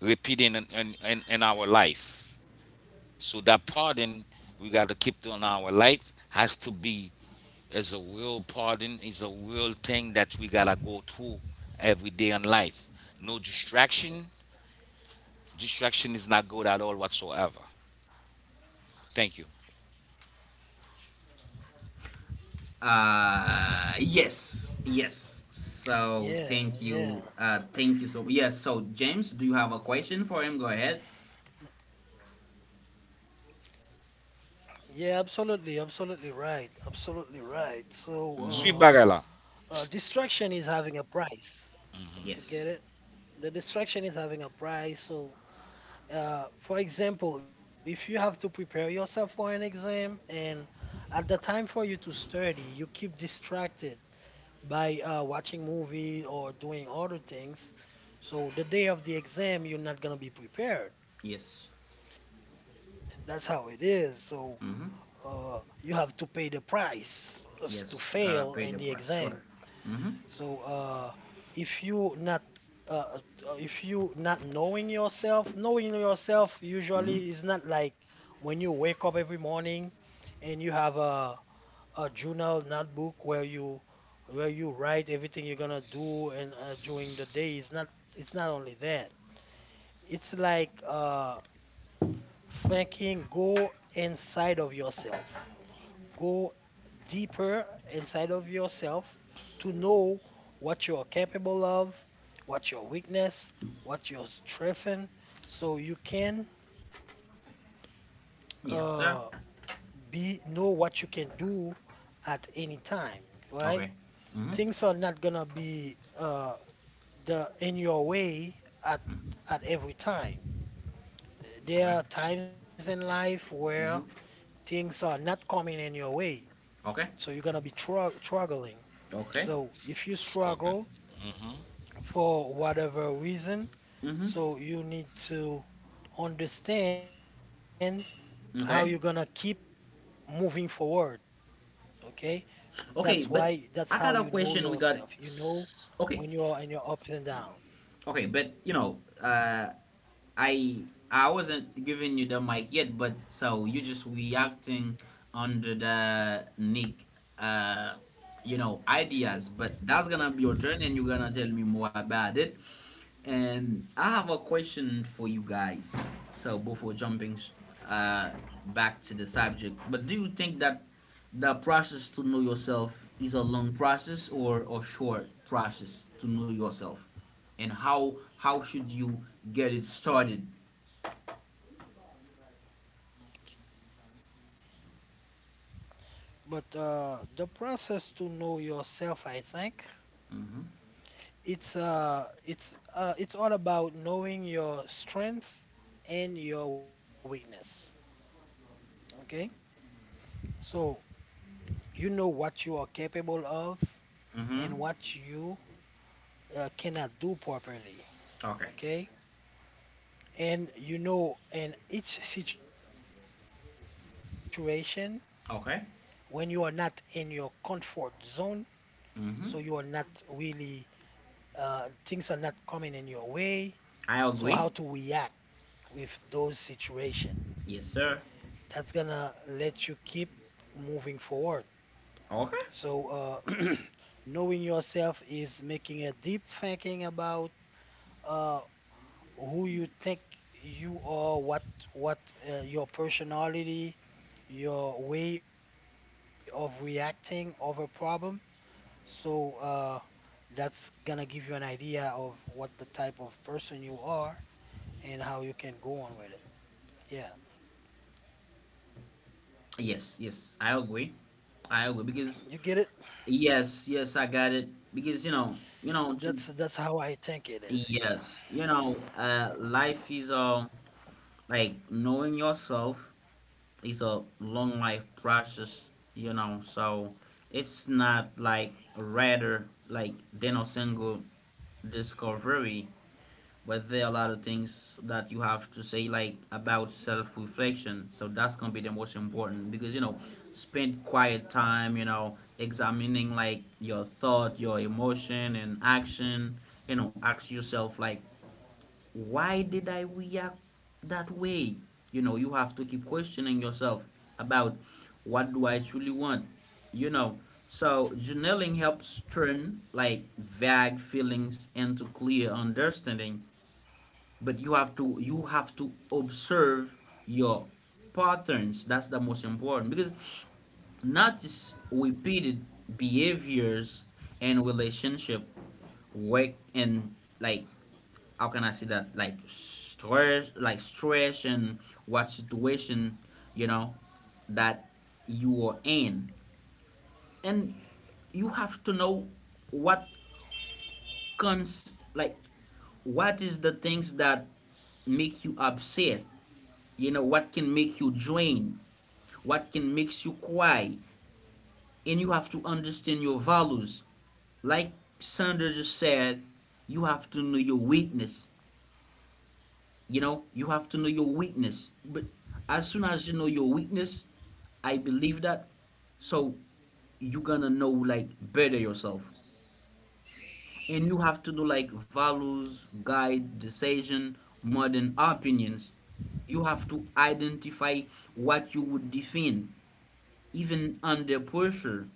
[SPEAKER 2] repeating in our life. So that pardon we got to keep on, our life has to be as a real pardon, is a real thing that we gotta go through every day in life. No distraction. Distraction is not good at all whatsoever. Thank you.
[SPEAKER 1] Yes. Yes. So
[SPEAKER 3] Yeah,
[SPEAKER 1] thank
[SPEAKER 3] yeah,
[SPEAKER 1] you. Thank you so, yes, so James, do you have a question for him? Go ahead.
[SPEAKER 3] yeah, absolutely, absolutely right.
[SPEAKER 1] Mm-hmm.
[SPEAKER 2] Sweet
[SPEAKER 3] So,
[SPEAKER 2] bagala.
[SPEAKER 3] distraction is having a price.
[SPEAKER 1] Yes.
[SPEAKER 3] You get it? The distraction is having a price. So, for example, if you have to prepare yourself for an exam and at the time for you to study, you keep distracted by watching movie or doing other things. So the day of the exam, you're not gonna be
[SPEAKER 1] Yes.
[SPEAKER 3] prepared. That's how it is. So
[SPEAKER 1] Mm-hmm.
[SPEAKER 3] you have to pay the price to
[SPEAKER 1] Yes, you gotta
[SPEAKER 3] fail
[SPEAKER 1] pay
[SPEAKER 3] in
[SPEAKER 1] the
[SPEAKER 3] the
[SPEAKER 1] price, sure.
[SPEAKER 3] exam.
[SPEAKER 1] Mm-hmm.
[SPEAKER 3] So, if you not uh, if you not knowing yourself, knowing yourself
[SPEAKER 1] Mm-hmm.
[SPEAKER 3] usually is not like when you wake up every morning and you have a journal notebook where you write everything you're gonna do and during the day. It's not only that. It's like thinking go inside of yourself. Go deeper inside of yourself to know what you're capable of, what your weakness, what your strength, in, so you can uh,
[SPEAKER 1] Yes, sir.
[SPEAKER 3] be know what you can do at any time, right?
[SPEAKER 1] Okay. Mm-hmm.
[SPEAKER 3] Things are not gonna be the in your way at at every time. There
[SPEAKER 1] Okay.
[SPEAKER 3] are times in life where
[SPEAKER 1] Mm-hmm.
[SPEAKER 3] things are not coming in your way, so
[SPEAKER 1] Okay.
[SPEAKER 3] you're gonna be struggling.
[SPEAKER 1] Okay.
[SPEAKER 3] So if you
[SPEAKER 2] Struggling.
[SPEAKER 3] struggle,
[SPEAKER 2] hmm
[SPEAKER 3] for whatever reason.
[SPEAKER 1] Mm-hmm.
[SPEAKER 3] So you need to understand how you're gonna keep
[SPEAKER 1] Okay.
[SPEAKER 3] moving forward. Okay, that's why
[SPEAKER 1] Okay,
[SPEAKER 3] that's
[SPEAKER 1] but
[SPEAKER 3] how you
[SPEAKER 1] I
[SPEAKER 3] know
[SPEAKER 1] got a question.
[SPEAKER 3] yourself. You know when you're
[SPEAKER 1] Okay,
[SPEAKER 3] in your ups and downs.
[SPEAKER 1] okay, but you know, I I wasn't giving you the mic yet, but so you just reacting under the Nick, uh, you know, ideas. But that's gonna be your turn, and you're gonna tell me more about it. And I have a question for you guys. So before jumping uh, back to the subject, but do you think that the process to know yourself is a long process or a short process to know yourself? And how should you get it started?
[SPEAKER 3] But the process to know yourself, I think,
[SPEAKER 1] Mm-hmm.
[SPEAKER 3] it's all about knowing your strength and your weakness. Okay, so you know what you are capable of
[SPEAKER 1] Mm-hmm.
[SPEAKER 3] and what you cannot do properly.
[SPEAKER 1] Okay.
[SPEAKER 3] Okay, and you know, in each situation, when you are not in
[SPEAKER 1] Okay.
[SPEAKER 3] your comfort zone, so you are not
[SPEAKER 1] Mm-hmm.
[SPEAKER 3] really things are not coming in your way. So how
[SPEAKER 1] I
[SPEAKER 3] to
[SPEAKER 1] agree.
[SPEAKER 3] react with those situation?
[SPEAKER 1] Yes, sir.
[SPEAKER 3] That's gonna let you keep moving forward.
[SPEAKER 1] Okay.
[SPEAKER 3] So knowing yourself is making a deep thinking about uh, who you think you are, what your personality, your way of reacting of a problem. So that's gonna give you an idea of what the type of person you are and how you can go on with it. Yeah,
[SPEAKER 1] Yes, yes, I
[SPEAKER 3] you get
[SPEAKER 1] agree.
[SPEAKER 3] it?
[SPEAKER 1] I agree, because, yes, yes, I got it.
[SPEAKER 3] That's
[SPEAKER 1] Because
[SPEAKER 3] how I
[SPEAKER 1] you
[SPEAKER 3] think it
[SPEAKER 1] know, to,
[SPEAKER 3] is. Yeah,
[SPEAKER 1] yes, you know, life is uh, like knowing yourself, it's a long life process, you know. So it's not like, rather like Dino single discovery, but there are a lot of things that you have to say, like about self reflection. So that's gonna be the most important, because, you know, spend quiet time, you know, examining like your thought, your emotion and action. You know, ask yourself like, why did I react that way? You know, you have to keep questioning yourself about, what do I truly want? You know, so journaling helps turn like vague feelings into clear understanding. But you have to observe your patterns. That's the most important because notice repeated behaviors and relationship work and, like, how can I say that, like stress, like stress, and what situation, you know, that you are in, and you have to know what cons like what is the things that make you upset, you know, what can make you drain, what can makes you cry, and you have to understand your values, like Sandra just said, you have to know your weakness. You know, you have to know your weakness. But as soon as you know your weakness, I believe that. So you're gonna know, like, better yourself. And you have to know, like, values, guide, decision, more than opinions. You have to identify what you would defend, even under pressure,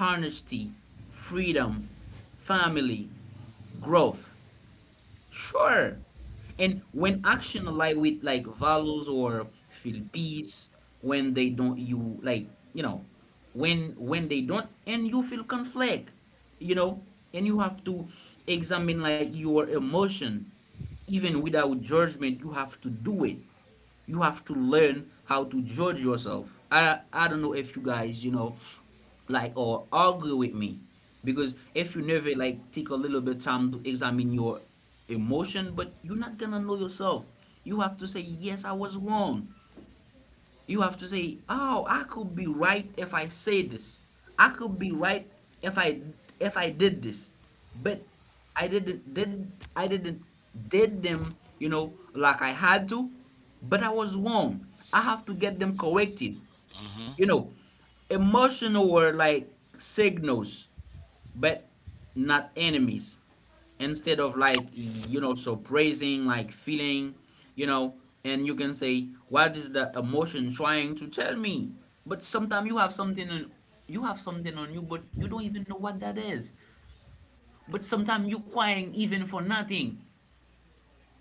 [SPEAKER 1] honesty, freedom, family, growth. Sure. And when action align with, like, values, or feel peace. When they don't you like you know, when they don't and you feel conflict, you know, and you have to examine, like, your emotion, even without judgment, you have to do it. You have to learn how to judge yourself. I don't know if you guys, you know, like or argue with me, because if you never, like, take a little bit time to examine your emotion, but you're not gonna know yourself. You have to say yes, I was wrong. You have to say, oh, I could be right if I say this. I could be right if i if I did this. But I didn't did them. You know, like, I had to, but I was wrong. I have to get them corrected.
[SPEAKER 2] hmm
[SPEAKER 1] You know, emotional were like signals, but not enemies. Instead of, like, you know, so praising, like feeling, you know, and you can say, what is the emotion trying to tell me? But sometimes you have something on you, but you don't even know what that is. But sometimes you crying even for nothing,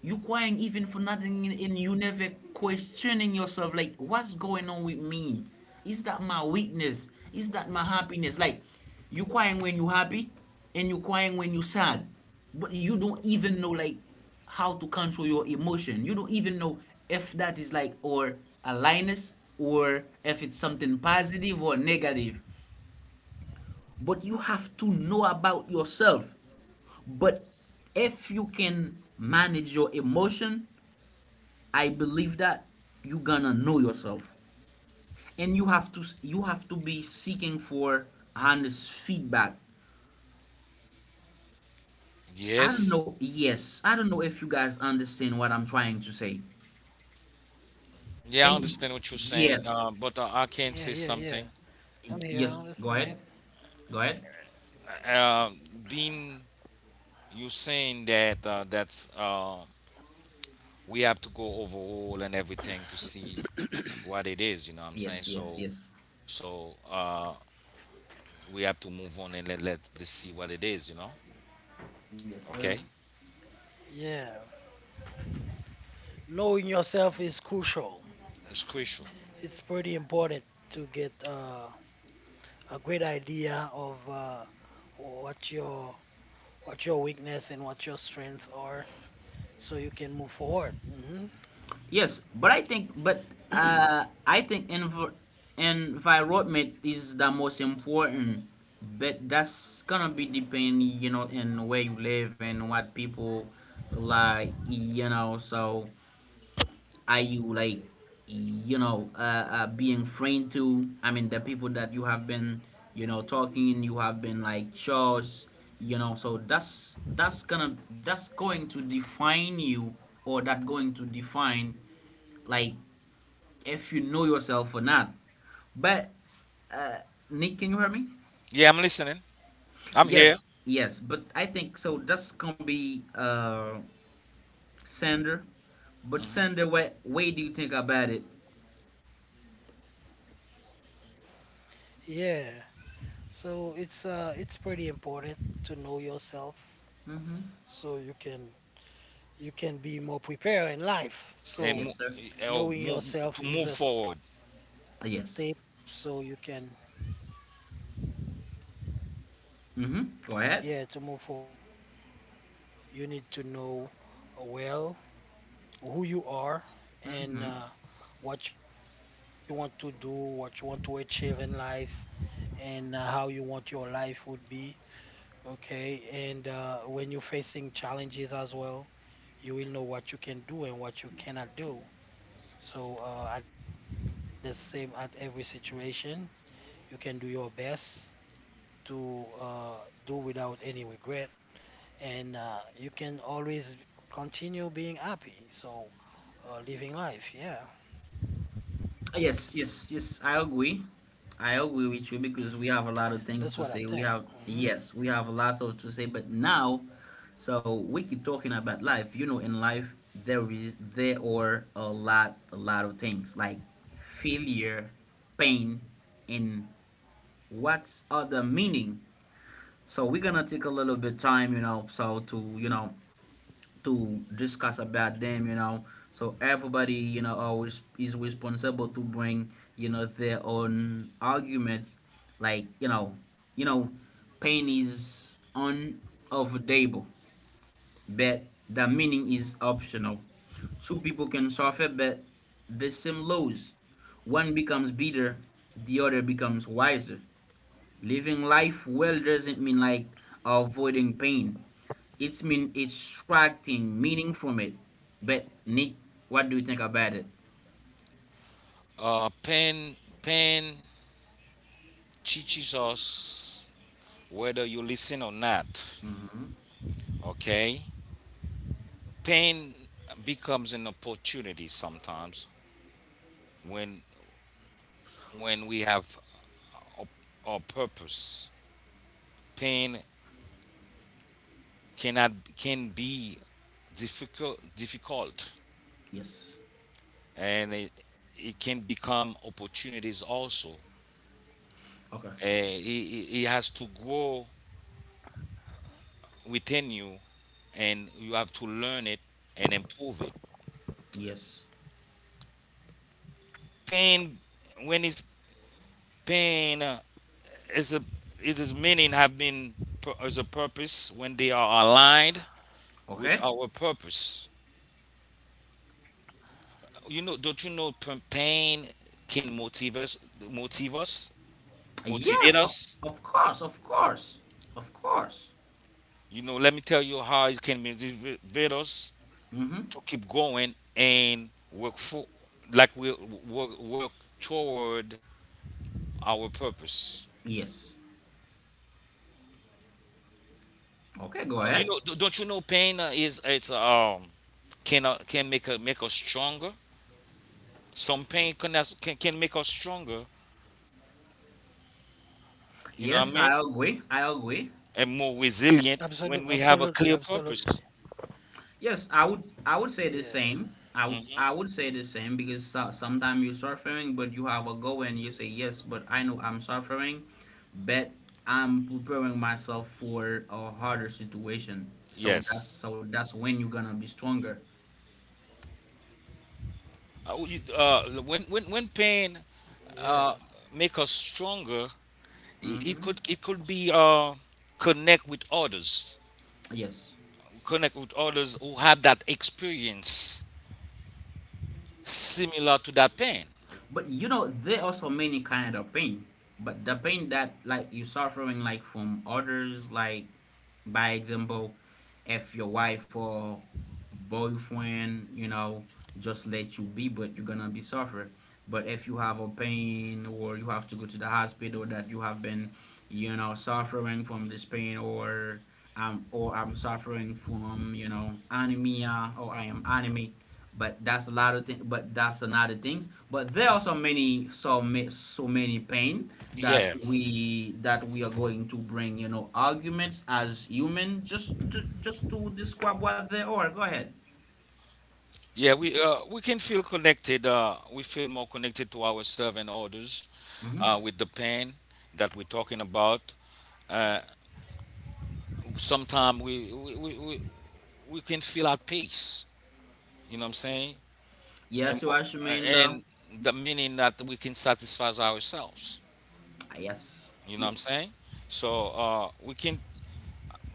[SPEAKER 1] you crying even for nothing, and you never questioning yourself, like, what's going on with me? Is that my weakness? Is that my happiness? Like, you crying when you happy and you crying when you sad, but you don't even know, like, how to control your emotion. You don't even know if that is, like, or a linus or if it's something positive or negative, but you have to know about yourself. But if you can manage your emotion, I believe that you gonna know yourself, and you have to be seeking for honest feedback. I don't
[SPEAKER 2] Yes.
[SPEAKER 1] know. Yes, I don't know if you guys understand what I'm trying to say.
[SPEAKER 2] Yeah, I
[SPEAKER 1] And
[SPEAKER 2] understand what you're saying,
[SPEAKER 1] yes,
[SPEAKER 2] but
[SPEAKER 3] yeah.
[SPEAKER 2] I can say
[SPEAKER 3] I'm here. I
[SPEAKER 2] something.
[SPEAKER 3] understand.
[SPEAKER 1] yes. Go ahead. Go ahead.
[SPEAKER 2] uh, been you saying that that's we have to go over all and everything to see what it is. You know what I'm saying?
[SPEAKER 1] Yes, yes,
[SPEAKER 2] So,
[SPEAKER 1] yes.
[SPEAKER 2] so we have to move on and let, let us see what it is. You know?
[SPEAKER 1] Yes, sir.
[SPEAKER 2] Okay,
[SPEAKER 3] Yeah, knowing yourself is crucial.
[SPEAKER 2] it's crucial.
[SPEAKER 3] It's pretty important to get a great idea of what your what your weakness and what your strengths are, so you can move forward.
[SPEAKER 1] Yes, but I think environment is the most important. But that's gonna be depend, you know, in where you live and what people like, you know. So are you, like, you know, being friend to? I mean, the people that you have been, you know, talking, you have been, like, shows, you know. So that's going to define you, or that going to define, like, if you know yourself or not. But uh, Nick, can you hear me?
[SPEAKER 2] Yeah, I'm listening. I'm here.
[SPEAKER 1] Yes, yes. But I think so. That's gonna be Sander. But Sander, what way do you think about it?
[SPEAKER 3] Yeah. So it's pretty important to know yourself, so
[SPEAKER 1] Mm-hmm.
[SPEAKER 3] you can be more prepared in life. So
[SPEAKER 2] and mo-
[SPEAKER 1] Yes, sir.
[SPEAKER 3] knowing
[SPEAKER 2] move,
[SPEAKER 3] yourself
[SPEAKER 2] to
[SPEAKER 3] is a
[SPEAKER 2] move
[SPEAKER 3] step,
[SPEAKER 2] forward.
[SPEAKER 3] so you can
[SPEAKER 1] Yes.
[SPEAKER 3] yeah to
[SPEAKER 1] Mm-hmm.
[SPEAKER 3] move
[SPEAKER 1] Go ahead.
[SPEAKER 3] forward. So you need to know well who you are and
[SPEAKER 1] Mm-hmm.
[SPEAKER 3] what you want to do, what you want to achieve in life, and how you want your life would be. Okay, and when you're facing challenges as well, you will know what you can do and what you cannot do. At the same, at every situation, you can do your best to do without any regret, and you can always continue being happy. So living life, yeah.
[SPEAKER 1] Yes, yes, yes. I agree. I agree with
[SPEAKER 3] That's
[SPEAKER 1] you,
[SPEAKER 3] what I
[SPEAKER 1] because we
[SPEAKER 3] think.
[SPEAKER 1] have a lot of
[SPEAKER 3] Hmm
[SPEAKER 1] things to say. We have yes, we have lots of to say, but now, so we keep talking about life. You know, in life there are a lot of things like failure, pain, and what's other meaning. So we're gonna take a little bit time, you know, so to, you know, to discuss about them, you know, so everybody, you know, always is responsible to bring, you know, their own arguments, like, you know pain is unavoidable, but the meaning is optional. Two people can suffer, but the same lows, one becomes bitter, the other becomes wiser. Living life well doesn't mean, like, avoiding pain. It's mean extracting meaning from it. But Nick, what do you think about it?
[SPEAKER 2] Pain teaches us whether you listen or not.
[SPEAKER 1] Hmm.
[SPEAKER 2] Okay, pain becomes an opportunity sometimes when when we have our, our purpose. Pain cannot, can be difficult,
[SPEAKER 1] Yes.
[SPEAKER 2] and it can become opportunities also.
[SPEAKER 1] Okay.
[SPEAKER 2] It it has to grow within you, and you have to learn it and improve it.
[SPEAKER 1] Yes.
[SPEAKER 2] Pain, when it's pain, is a, it is meaning have been as a purpose when they are aligned with
[SPEAKER 1] Okay.
[SPEAKER 2] our purpose. You know, don't you know pain can motivate us, motive us, motivate
[SPEAKER 1] Yes.
[SPEAKER 2] us.
[SPEAKER 1] Of course. Of course. Of course.
[SPEAKER 2] You know, let me tell you how it can motivate us
[SPEAKER 1] Hmm.
[SPEAKER 2] to keep going and work for, like we work toward our purpose.
[SPEAKER 1] Yes. Okay. Go ahead.
[SPEAKER 2] You know, don't you know pain, is it's can, can make us, make us stronger. Some pain can can make us stronger. You know what I
[SPEAKER 1] Yes,
[SPEAKER 2] mean?
[SPEAKER 1] I agree. I agree.
[SPEAKER 2] And more resilient
[SPEAKER 3] Absolutely,
[SPEAKER 2] when we have a
[SPEAKER 3] absolutely,
[SPEAKER 2] clear
[SPEAKER 3] absolutely.
[SPEAKER 2] purpose.
[SPEAKER 1] Yes, I would say the
[SPEAKER 3] Yeah,
[SPEAKER 1] same.
[SPEAKER 2] hmm
[SPEAKER 1] I would say the same because so, sometimes you're suffering, but you have a goal and you say yes, but I know I'm suffering, but I'm preparing myself for a harder situation. So that's
[SPEAKER 2] Yes.
[SPEAKER 1] so that's when you're gonna be stronger.
[SPEAKER 2] When
[SPEAKER 3] yeah,
[SPEAKER 2] pain uh, make us stronger, it
[SPEAKER 1] Hmm.
[SPEAKER 2] could, it could be connect with others,
[SPEAKER 1] Yes,
[SPEAKER 2] connect with others who have that experience similar to that pain.
[SPEAKER 1] but you know there are so many kind of pain, but the pain that, like, you're suffering, like, from others, like, by example, if your wife or boyfriend, you know, just let you be, but you're gonna be suffer. But if you have a pain or you have to go to the hospital that you have been, you know, suffering from this pain or I'm suffering from, you know, anemia or I am anemic. But that's a lot of things. But that's another things. But there are so many, so many pain that
[SPEAKER 2] Yeah,
[SPEAKER 1] we are going to bring, you know, arguments as human. Just to describe what they are. Go ahead.
[SPEAKER 2] yeah. We can feel connected. We feel more connected to ourselves and others
[SPEAKER 1] Hmm.
[SPEAKER 2] with the pain that we're talking about. Uh, Sometimes we can feel at peace. You know what I'm saying? and
[SPEAKER 1] Yes, you
[SPEAKER 2] mo-
[SPEAKER 1] are mean though.
[SPEAKER 2] and the meaning that we can satisfy ourselves.
[SPEAKER 1] Yes,
[SPEAKER 2] You know what I'm
[SPEAKER 1] yes,
[SPEAKER 2] saying? So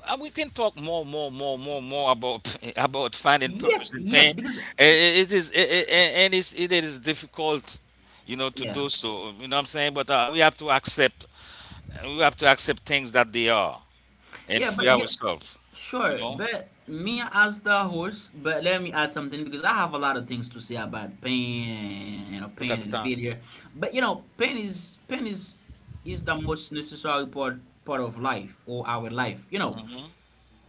[SPEAKER 2] we can talk more about about finding
[SPEAKER 1] yes,
[SPEAKER 2] purpose in
[SPEAKER 1] yes.
[SPEAKER 2] pain.
[SPEAKER 1] Because
[SPEAKER 2] It is, and it's, it is difficult, you know, to
[SPEAKER 1] yeah,
[SPEAKER 2] do so. You know what I'm saying? But we have to accept, we have to accept things that they are and
[SPEAKER 1] yeah,
[SPEAKER 2] free
[SPEAKER 1] but yeah,
[SPEAKER 2] ourselves. You
[SPEAKER 1] sure.
[SPEAKER 2] know,
[SPEAKER 1] But me as the host, but let me add something because I have a lot of things to say about pain and, you know,
[SPEAKER 2] look
[SPEAKER 1] pain
[SPEAKER 2] at the
[SPEAKER 1] and
[SPEAKER 2] time.
[SPEAKER 1] failure. But you know, pain is is the most necessary part of life or our life. You know,
[SPEAKER 2] hmm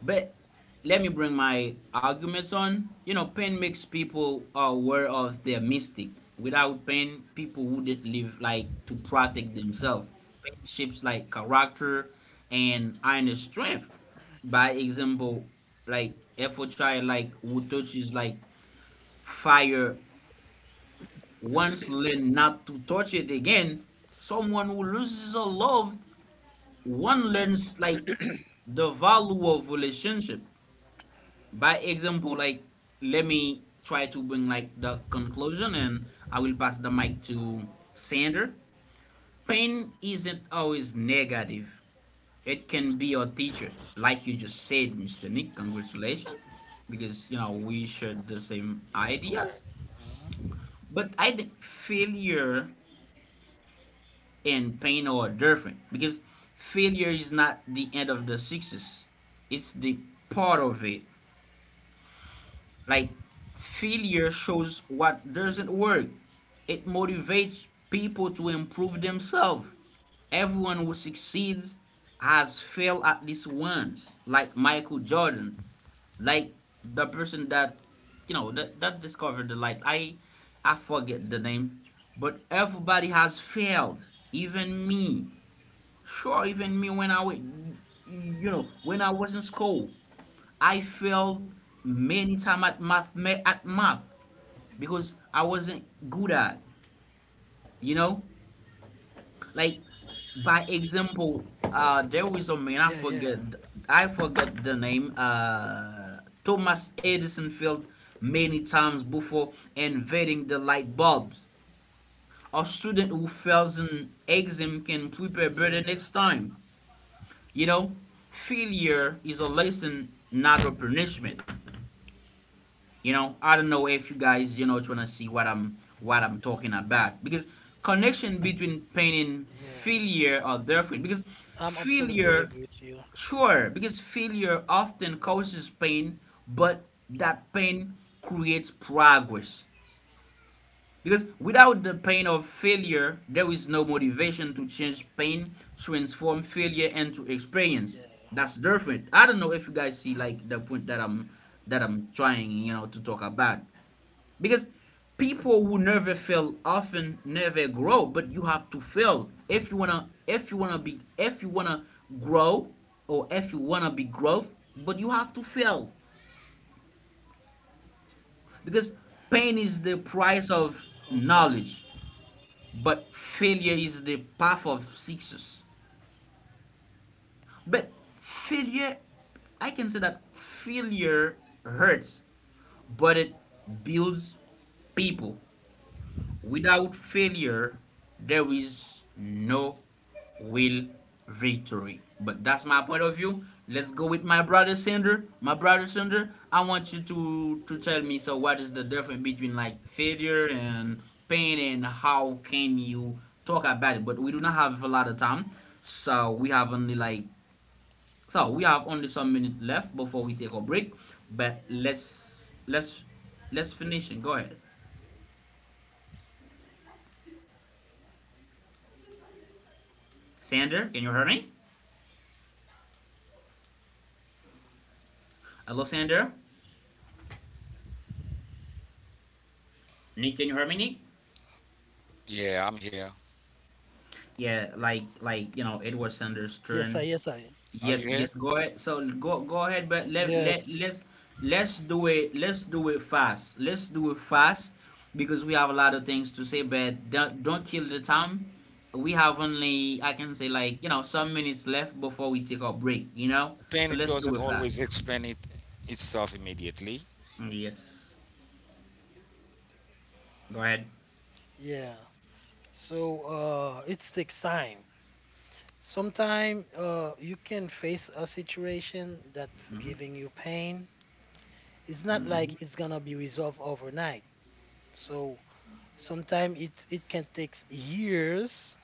[SPEAKER 1] but let me bring my arguments on. You know, pain makes people aware of their mystic. Without pain, people wouldn't live like to protect themselves. Pain shapes, like, character and inner strength. By example, like, if a child, like, who touches, like, fire once learn not to touch it again. Someone who loses a loved one learns, like, the value of relationship, by example, like, let me try to bring, like, the conclusion and I will pass the mic to Sander. Pain isn't always negative, it can be your teacher, like you just said, Mr. Nick. Congratulations, because you know, we shared the same
[SPEAKER 3] yeah, correct.
[SPEAKER 1] ideas.
[SPEAKER 3] Hmm
[SPEAKER 1] But I think failure and pain are different, because failure is not the end of the success, it's the part of it. Like, failure shows what doesn't work. It motivates people to improve themselves. Everyone who succeeds has failed at least once, like Michael Jordan, like the person that you know that, discovered the light. I forget the name, but everybody has failed, even me. Sure, even me when I was, you know, when I was in school, I failed many times at math, at math, because I wasn't good at. You know, like, by example,
[SPEAKER 3] Yeah,
[SPEAKER 1] there
[SPEAKER 3] yeah,
[SPEAKER 1] was a man I forget, I forget the name. Thomas Edison failed many times before inventing the light bulbs. A student who fails an
[SPEAKER 3] yeah,
[SPEAKER 1] exam can prepare better next time. You know, failure is a lesson, not a punishment. You know, I don't know if you guys, you know, trying to see what I'm talking about, because
[SPEAKER 3] yeah.
[SPEAKER 1] connection between pain and
[SPEAKER 3] I'm
[SPEAKER 1] failure are
[SPEAKER 3] absolutely
[SPEAKER 1] different.
[SPEAKER 3] agree with
[SPEAKER 1] Because
[SPEAKER 3] you.
[SPEAKER 1] failure Sure, because failure often causes pain, but that pain creates progress. Because without the pain of failure, there is no motivation to change pain,
[SPEAKER 3] Yeah.
[SPEAKER 1] transform failure into experience. That's different. I don't know if you guys see, like, the point that I'm trying, you know, to talk about. Because people who never fail often never grow, but you have to fail if you wanna be if you wanna grow, or if you wanna be growth, but you have to fail. Because pain is the price of
[SPEAKER 3] Okay.
[SPEAKER 1] knowledge, but failure is the path of success. But failure, I can say that failure hurts, but it builds people. Without failure, there is no will victory. But that's my point of view. Let's go with my brother Sander. My brother Sander, I want you to tell me, so what is the difference between, like, failure and pain and how can you talk about it? But we do not have a lot of time. So we have only, like, so we have only some minutes left before we take a break. But let's finish and go ahead. Sander, can you hear me? Hello, Sander. Nick, can you hear me, Nick?
[SPEAKER 2] Yeah, I'm here.
[SPEAKER 1] Yeah, you know,
[SPEAKER 3] Yes,
[SPEAKER 1] Edward
[SPEAKER 3] I, yes,
[SPEAKER 1] Sanders'
[SPEAKER 3] I.
[SPEAKER 1] turn.
[SPEAKER 2] Are
[SPEAKER 1] Yes,
[SPEAKER 2] you
[SPEAKER 1] yes.
[SPEAKER 2] here?
[SPEAKER 1] Go ahead. So go ahead, but
[SPEAKER 3] Yes,
[SPEAKER 1] let's do it. Let's do it fast. Let's do it fast, because we have a lot of things to say. But don't kill the time. We have only I can say, like, you know, some minutes left before we take our break. You know,
[SPEAKER 2] Pain
[SPEAKER 1] so
[SPEAKER 2] it
[SPEAKER 1] let's do
[SPEAKER 2] doesn't
[SPEAKER 1] it fast.
[SPEAKER 2] always explain it itself immediately.
[SPEAKER 1] Mm, yes. Go ahead.
[SPEAKER 3] yeah. So, it takes time. Sometimes, you can face a situation that's
[SPEAKER 1] Mm-hmm.
[SPEAKER 3] giving you pain. It's not
[SPEAKER 1] Mm-hmm.
[SPEAKER 3] like it's gonna be resolved overnight. So, sometimes it can take years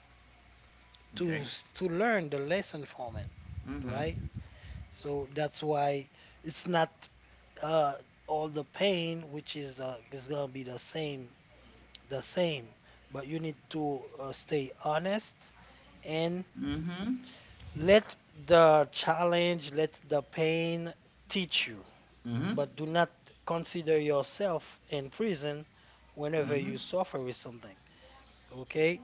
[SPEAKER 3] to
[SPEAKER 1] Okay.
[SPEAKER 3] to learn the lesson from it,
[SPEAKER 1] Mm-hmm.
[SPEAKER 3] right? So that's why it's not uh, all the pain, which is gonna be the same, the same. But you need to stay honest and
[SPEAKER 1] Mm-hmm.
[SPEAKER 3] let the challenge, let the pain teach you.
[SPEAKER 1] Mm-hmm.
[SPEAKER 3] But do not consider yourself in prison whenever
[SPEAKER 1] Mm-hmm.
[SPEAKER 3] you suffer with something. Okay?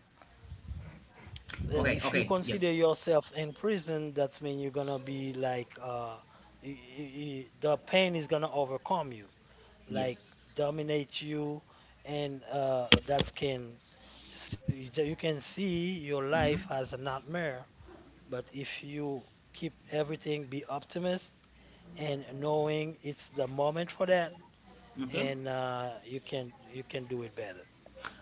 [SPEAKER 1] Okay,
[SPEAKER 3] If you
[SPEAKER 1] okay, yes,
[SPEAKER 3] consider yourself in prison, that's mean you're gonna be like the pain is gonna overcome you, like
[SPEAKER 1] yes.
[SPEAKER 3] dominate you, and that can see, you can see your
[SPEAKER 1] Mm-hmm.
[SPEAKER 3] life as a nightmare. But if you keep everything, be optimist and knowing it's the moment for that,
[SPEAKER 1] Okay,
[SPEAKER 3] and you can do it better.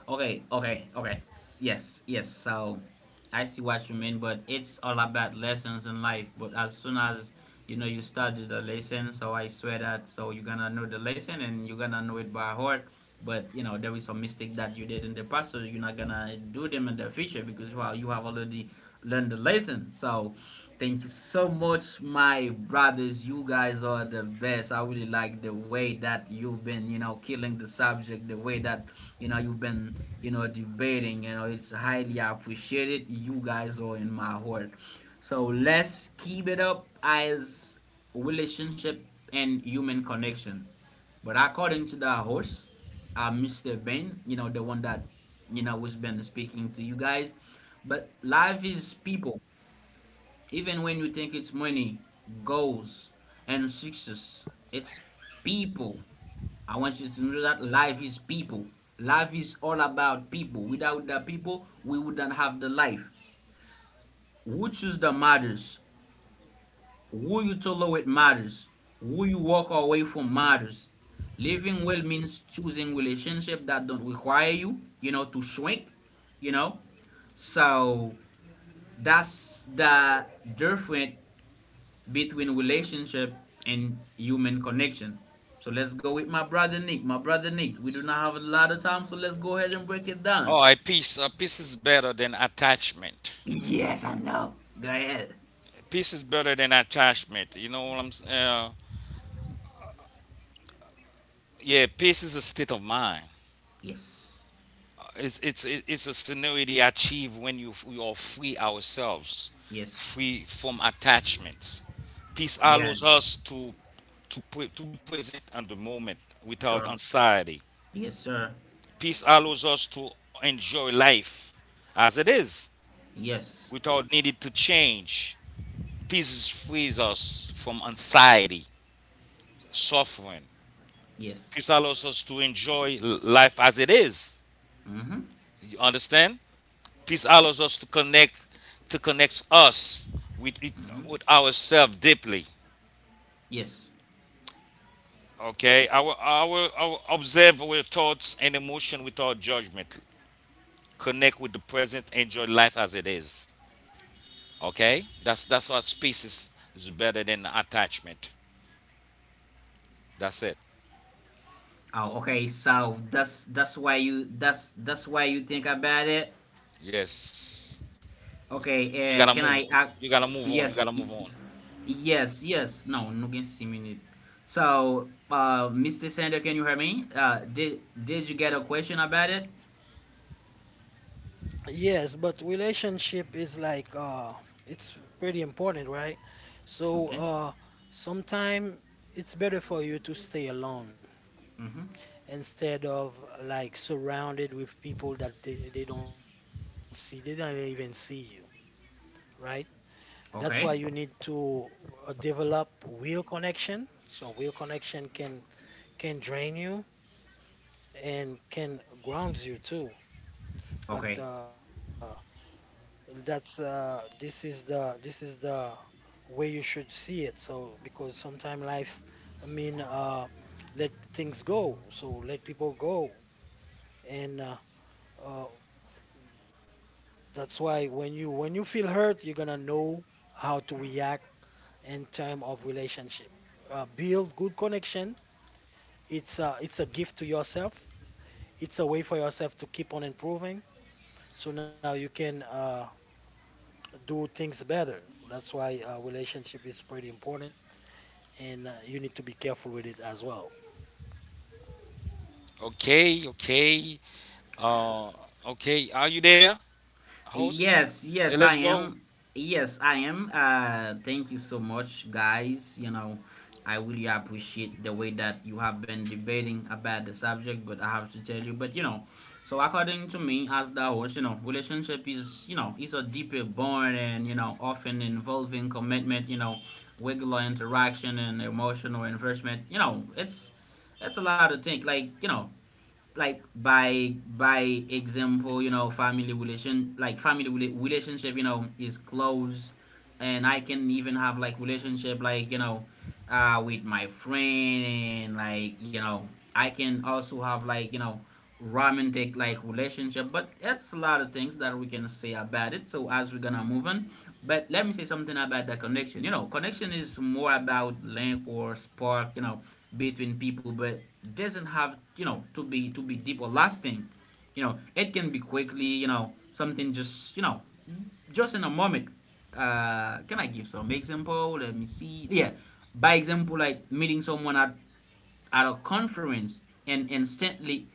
[SPEAKER 1] okay, okay, okay. Yes, yes. So I see what you mean, but it's all about lessons in life. But as soon as you study the lesson, so I swear that so you're gonna know the lesson and you're gonna know it by heart. But you know there is some mistake that you did in the past, so you're not gonna do them in the future because well you have already learned the lesson. So thank you so much, my brothers. You guys are the best. I really like the way that you've been killing the subject, the way that you've been debating. It's highly appreciated. You guys are in my heart. So let's keep it up as relationship and human connection. But according to the host, Mr. Ben, the one that was been speaking to you guys. But life is people even when you think it's money, goals, and success, it's people. I want you to know that life is people. Life is all about people. Without the people, we wouldn't have the life. Who choose the matters. Who you tolerate matters. Who you walk away from matters. Living well means choosing relationships that don't require you, to shrink, you know. So that's the different between relationship and human connection. So let's go with my brother Nick. My brother Nick, we do not have a lot of time, so let's go ahead and break it
[SPEAKER 2] All
[SPEAKER 1] down.
[SPEAKER 2] right, peace. Peace is better than attachment.
[SPEAKER 1] Yes, I know. Go ahead.
[SPEAKER 2] Peace is better than attachment. You know what I'm saying? Yeah, peace is a state of mind.
[SPEAKER 1] Yes.
[SPEAKER 2] It's a scenario achieved when you, we are free ourselves,
[SPEAKER 1] Yes.
[SPEAKER 2] free from attachments. Peace
[SPEAKER 1] Yeah.
[SPEAKER 2] allows us to, to be present at the moment without
[SPEAKER 1] Sure.
[SPEAKER 2] anxiety.
[SPEAKER 1] Yes, sir.
[SPEAKER 2] Peace allows us to enjoy life as it is
[SPEAKER 1] Yes.
[SPEAKER 2] without needing to change. Peace frees us from anxiety, suffering.
[SPEAKER 1] Yes.
[SPEAKER 2] Peace allows us to enjoy life as it is.
[SPEAKER 1] Mm-hmm.
[SPEAKER 2] You understand? Peace allows us to connect, to connect us with it,
[SPEAKER 1] Mm-hmm.
[SPEAKER 2] with ourselves deeply.
[SPEAKER 1] Yes.
[SPEAKER 2] Okay, our observe our thoughts and emotion without judgment. Connect with the present. Enjoy life as it is. Okay, that's what peace is better than attachment. That's it.
[SPEAKER 1] Oh, okay. So that's why you think about it.
[SPEAKER 2] Yes, you,
[SPEAKER 1] Okay,
[SPEAKER 2] you gotta
[SPEAKER 1] can
[SPEAKER 2] move.
[SPEAKER 1] I
[SPEAKER 2] You gotta move on. You
[SPEAKER 1] yes,
[SPEAKER 2] gotta move on.
[SPEAKER 1] yes, yes. No, no can see me. So, Mr. Sander, can you hear me? Did you get a question about it?
[SPEAKER 3] Yes, but relationship is like it's pretty important, right?
[SPEAKER 1] Okay.
[SPEAKER 3] So sometime it's better for you to stay alone
[SPEAKER 1] Mm-hmm.
[SPEAKER 3] instead of like surrounded with people that they don't see, they don't even see you, right? That's why you
[SPEAKER 1] Okay.
[SPEAKER 3] need to develop real connection. So real connection can drain you and can ground you too.
[SPEAKER 1] Okay.
[SPEAKER 3] But That's this is the way you should see it. So because sometimes life, I mean, let things go. So let people go, and uh, that's why when you feel hurt, you're gonna know how to react in term of relationship. Build good connection. It's a gift to yourself. It's a way for yourself to keep on improving. So now you can do things better. That's why relationship is pretty important, and you need to be careful with it as well.
[SPEAKER 2] Okay, okay. Uh, okay, are you there, host?
[SPEAKER 1] Yes, yes, I
[SPEAKER 2] Let's go.
[SPEAKER 1] am. Yes, I am. Thank you so much, guys. I really appreciate the way that you have been debating about the subject, but I have to tell you, but so according to me, as the host, relationship is a deeper bond and often involving commitment, regular interaction and emotional investment. It's a lot to think. Like, like by example, family relationship, is close, and I can even have like relationship, like with my friend, and like I can also have like romantic like relationship, but it's a lot of things that we can say about it, so as we're gonna move on, but let me say something about the connection. Connection is more about link or spark between people, but doesn't have to be deep or lasting. It can be quickly. Something just you know just in a moment. Can I give some example? Let me see. Yeah. By example, like meeting someone at a conference, and instantly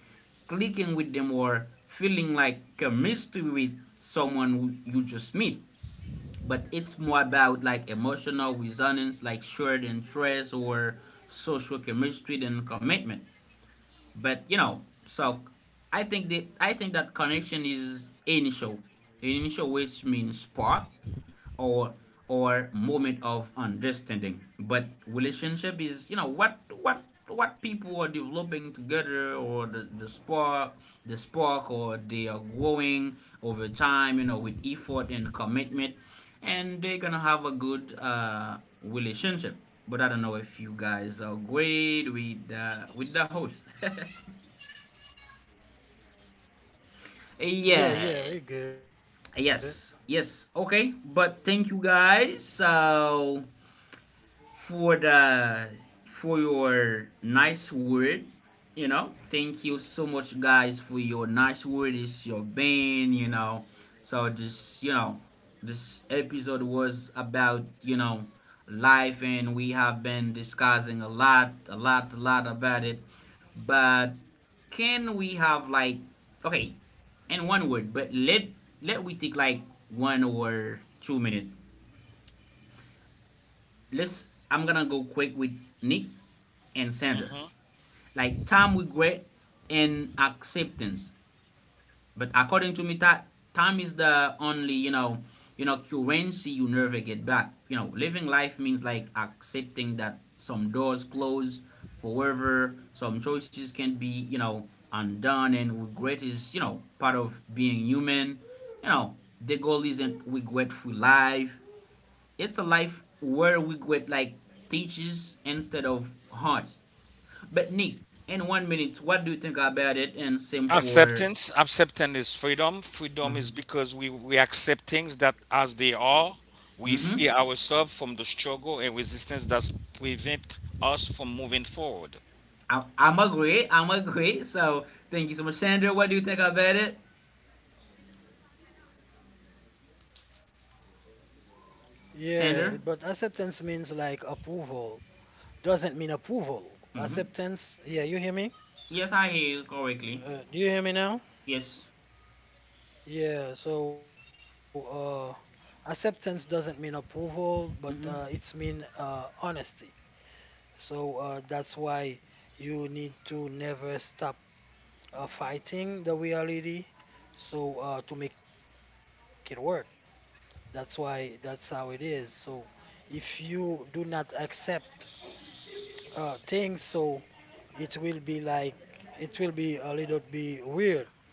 [SPEAKER 1] clicking with them or feeling like chemistry with someone you just meet. But it's more about like emotional resonance, like shared interest or social chemistry than commitment. But so I think that connection is initial which means spark or or moment of understanding, but relationship is what people are developing together, or the spark or they are growing over time, with effort and commitment, and they're gonna have a good relationship. But I don't know if you guys are great with the host. Yeah.
[SPEAKER 3] Yeah, yeah, we're good.
[SPEAKER 1] Yes, yes. Okay, but thank you guys so for the for your nice word. Thank you so much, guys, for your nice word. It's your band. So this episode was about life, and we have been discussing a lot, a lot, a lot about it. But can we have like okay, in one word, but let we take like 1 or 2 minutes. Let's. I'm gonna go quick with Nick and
[SPEAKER 2] hmm
[SPEAKER 1] center. Like time regret and acceptance. But according to me, that time is the only currency you never get back. Living life means like accepting that some doors close forever, some choices can be undone and regret is part of being human. You know, the goal isn't regret free life. It's a life where regret like teaches instead of hurts. But Nick, in 1 minute, what do you think about it? And same for.
[SPEAKER 2] Acceptance. Acceptance is freedom. Freedom is
[SPEAKER 1] Mm-hmm.
[SPEAKER 2] because we accept things that as they are. We
[SPEAKER 1] Mm-hmm?
[SPEAKER 2] free ourselves from the struggle and resistance that prevent us from moving forward.
[SPEAKER 1] I'm agree. I'm agree. So thank you so much, Sandra. What do you think about it, Sandra?
[SPEAKER 3] Yeah, but acceptance means like approval. Doesn't mean
[SPEAKER 1] Mm-hmm.
[SPEAKER 3] approval. Acceptance, yeah, you hear
[SPEAKER 1] Yes, I
[SPEAKER 3] me?
[SPEAKER 1] hear you correctly.
[SPEAKER 3] Do you hear me
[SPEAKER 1] Yes.
[SPEAKER 3] now? Yeah, so acceptance doesn't mean approval,
[SPEAKER 1] Mm-hmm.
[SPEAKER 3] but it's mean honesty. So that's why you need to never stop fighting the reality so to make it work. That's why that's how it is. So if you do not accept things, so it will be like it will be a little bit weird.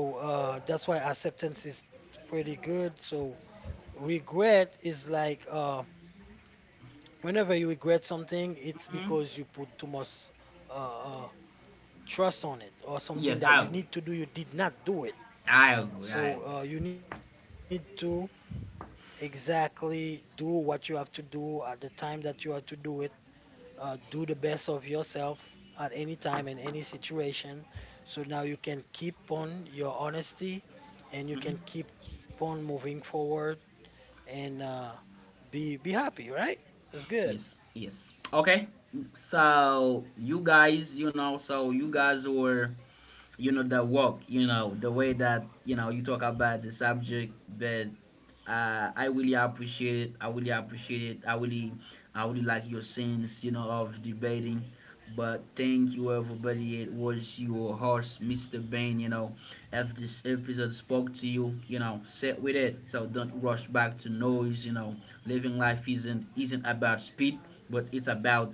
[SPEAKER 3] So that's why acceptance is pretty good. So regret is like whenever you regret something, it's
[SPEAKER 1] Hmm.
[SPEAKER 3] because you put too much uh, uh, trust on it,
[SPEAKER 1] Yes,
[SPEAKER 3] or
[SPEAKER 1] I agree.
[SPEAKER 3] something that you need to do you did not do
[SPEAKER 1] I
[SPEAKER 3] it.
[SPEAKER 1] agree. I agree.
[SPEAKER 3] So you need to exactly do what you have to do at the time that you have to do it. Do the best of yourself at any time in any situation. So now you can keep on your honesty and you can
[SPEAKER 1] Mm-hmm.
[SPEAKER 3] keep on moving forward and be happy, right? It's good.
[SPEAKER 1] Yes. Yes. Okay. So you guys were the work the way that you talk about the subject, but I really appreciate it. I really appreciate it. I really like your sense of debating. But thank you everybody. It was your host, Mr. Bain. If this episode spoke to you you know sit with it, so don't rush back to noise. Living life isn't about speed, but it's about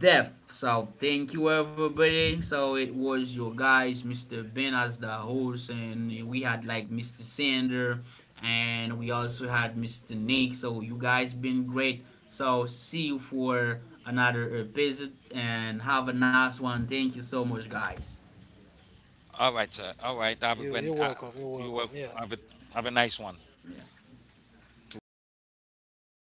[SPEAKER 1] death. So thank you everybody. So it was your guys, Mr. Ben as the host, and we had like Mr. Sander, and we also had Mr. Nick. So you guys been great. So see you for another episode, and have a nice one. Thank you so much, guys.
[SPEAKER 2] All right, sir. All right, have
[SPEAKER 3] You
[SPEAKER 2] a,
[SPEAKER 3] you're welcome. You're
[SPEAKER 2] you
[SPEAKER 3] welcome.
[SPEAKER 2] welcome.
[SPEAKER 3] Yeah.
[SPEAKER 2] Have a nice one.
[SPEAKER 1] Yeah.
[SPEAKER 2] Too.
[SPEAKER 3] Have a